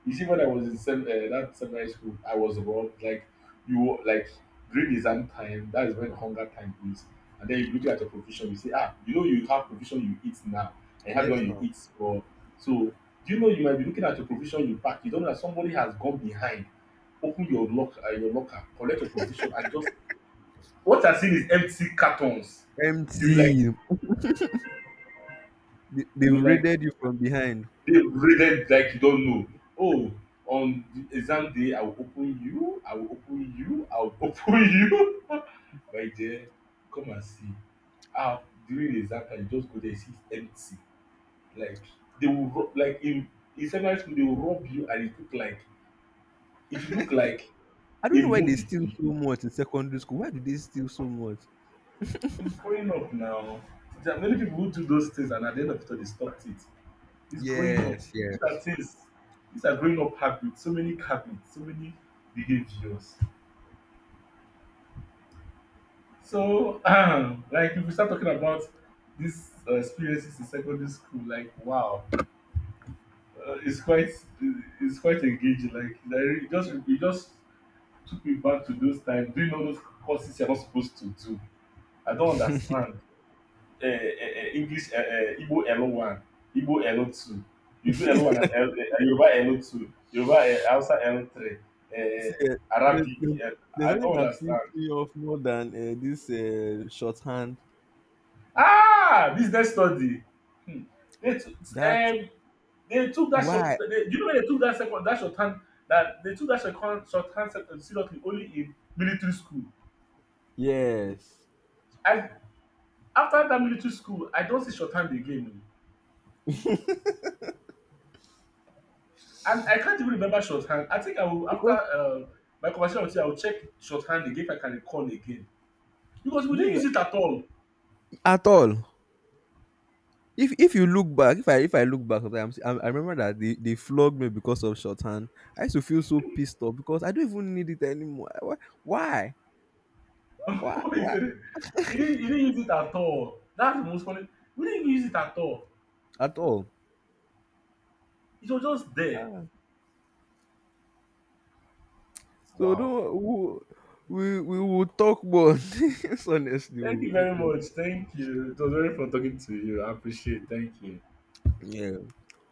[SPEAKER 1] you see, when I was in that secondary school, I was wrong. Like like during exam time, that is when hunger time is, and then you look at your provision. You say, ah, you know you have provision you eat now, and you have the
[SPEAKER 2] yes,
[SPEAKER 1] one you
[SPEAKER 2] now.
[SPEAKER 1] eat for. So, do you know you might be looking at your provision you pack? You don't know that somebody has gone behind, open your lock your locker, collect your provision, and just what I've seen is empty cartons. You like
[SPEAKER 2] Empty, they, they've
[SPEAKER 1] you like
[SPEAKER 2] raided you from behind.
[SPEAKER 1] they raided, like you don't know. Oh, on the exam day I will open you, I will open you, I will open you. Right there, come and see. Ah, during the exam time you just go there see it empty. Like they will rub like in secondary school they will rob you and it will look like
[SPEAKER 2] I don't
[SPEAKER 1] a
[SPEAKER 2] know why they
[SPEAKER 1] movie
[SPEAKER 2] steal
[SPEAKER 1] to you.
[SPEAKER 2] so much in secondary school. Why do they steal so much?
[SPEAKER 1] It's growing up now. There are many people who do those things and at the end of it all they stopped it. It's growing up.
[SPEAKER 2] Yes,
[SPEAKER 1] These are
[SPEAKER 2] yes.
[SPEAKER 1] things. These are growing up habits. So many habits. So many behaviors. So, like, if we start talking about these experiences in secondary school, like, wow, uh, it's quite, it's quite engaging. Like, it just took me back to those times doing all those courses you're not supposed to do. I don't understand. English, Igbo L1, Igbo L2. You do L1 and L, Yoruba L2, Yoruba, Hausa L3, uh,
[SPEAKER 2] See, eh, there's,
[SPEAKER 1] Arabic.
[SPEAKER 2] there's there's
[SPEAKER 1] I
[SPEAKER 2] nothing
[SPEAKER 1] don't
[SPEAKER 2] that
[SPEAKER 1] understand.
[SPEAKER 2] pissed me off more than this shorthand.
[SPEAKER 1] Ah, business study. Hmm. They, t-
[SPEAKER 2] That
[SPEAKER 1] um, they took that short.
[SPEAKER 2] why?
[SPEAKER 1] They, you know when they took that second that short hand that they took that second short hand seriously only in military school.
[SPEAKER 2] Yes,
[SPEAKER 1] I after that military school, I don't see short hand again. Oh. And I can't even remember shorthand. I think I will after
[SPEAKER 2] because
[SPEAKER 1] my conversation with you, I will check shorthand again if I can recall again because we
[SPEAKER 2] this
[SPEAKER 1] didn't use it
[SPEAKER 2] is
[SPEAKER 1] at all.
[SPEAKER 2] at all. If you look back, if I look back, sometimes I remember that they flogged me because of shorthand. I used to feel so pissed off because I don't even need it anymore. Why? Why? Why?
[SPEAKER 1] He
[SPEAKER 2] Why?
[SPEAKER 1] said he didn't use it at all. That's the most funny. We didn't even use it at all.
[SPEAKER 2] At all?
[SPEAKER 1] It was just there.
[SPEAKER 2] So
[SPEAKER 1] Wow.
[SPEAKER 2] don't we will talk more on this, honestly, we
[SPEAKER 1] Thank
[SPEAKER 2] will
[SPEAKER 1] you
[SPEAKER 2] talk
[SPEAKER 1] very
[SPEAKER 2] more.
[SPEAKER 1] much. Thank you. It was very fun talking to you. I appreciate it. Thank you.
[SPEAKER 2] Yeah.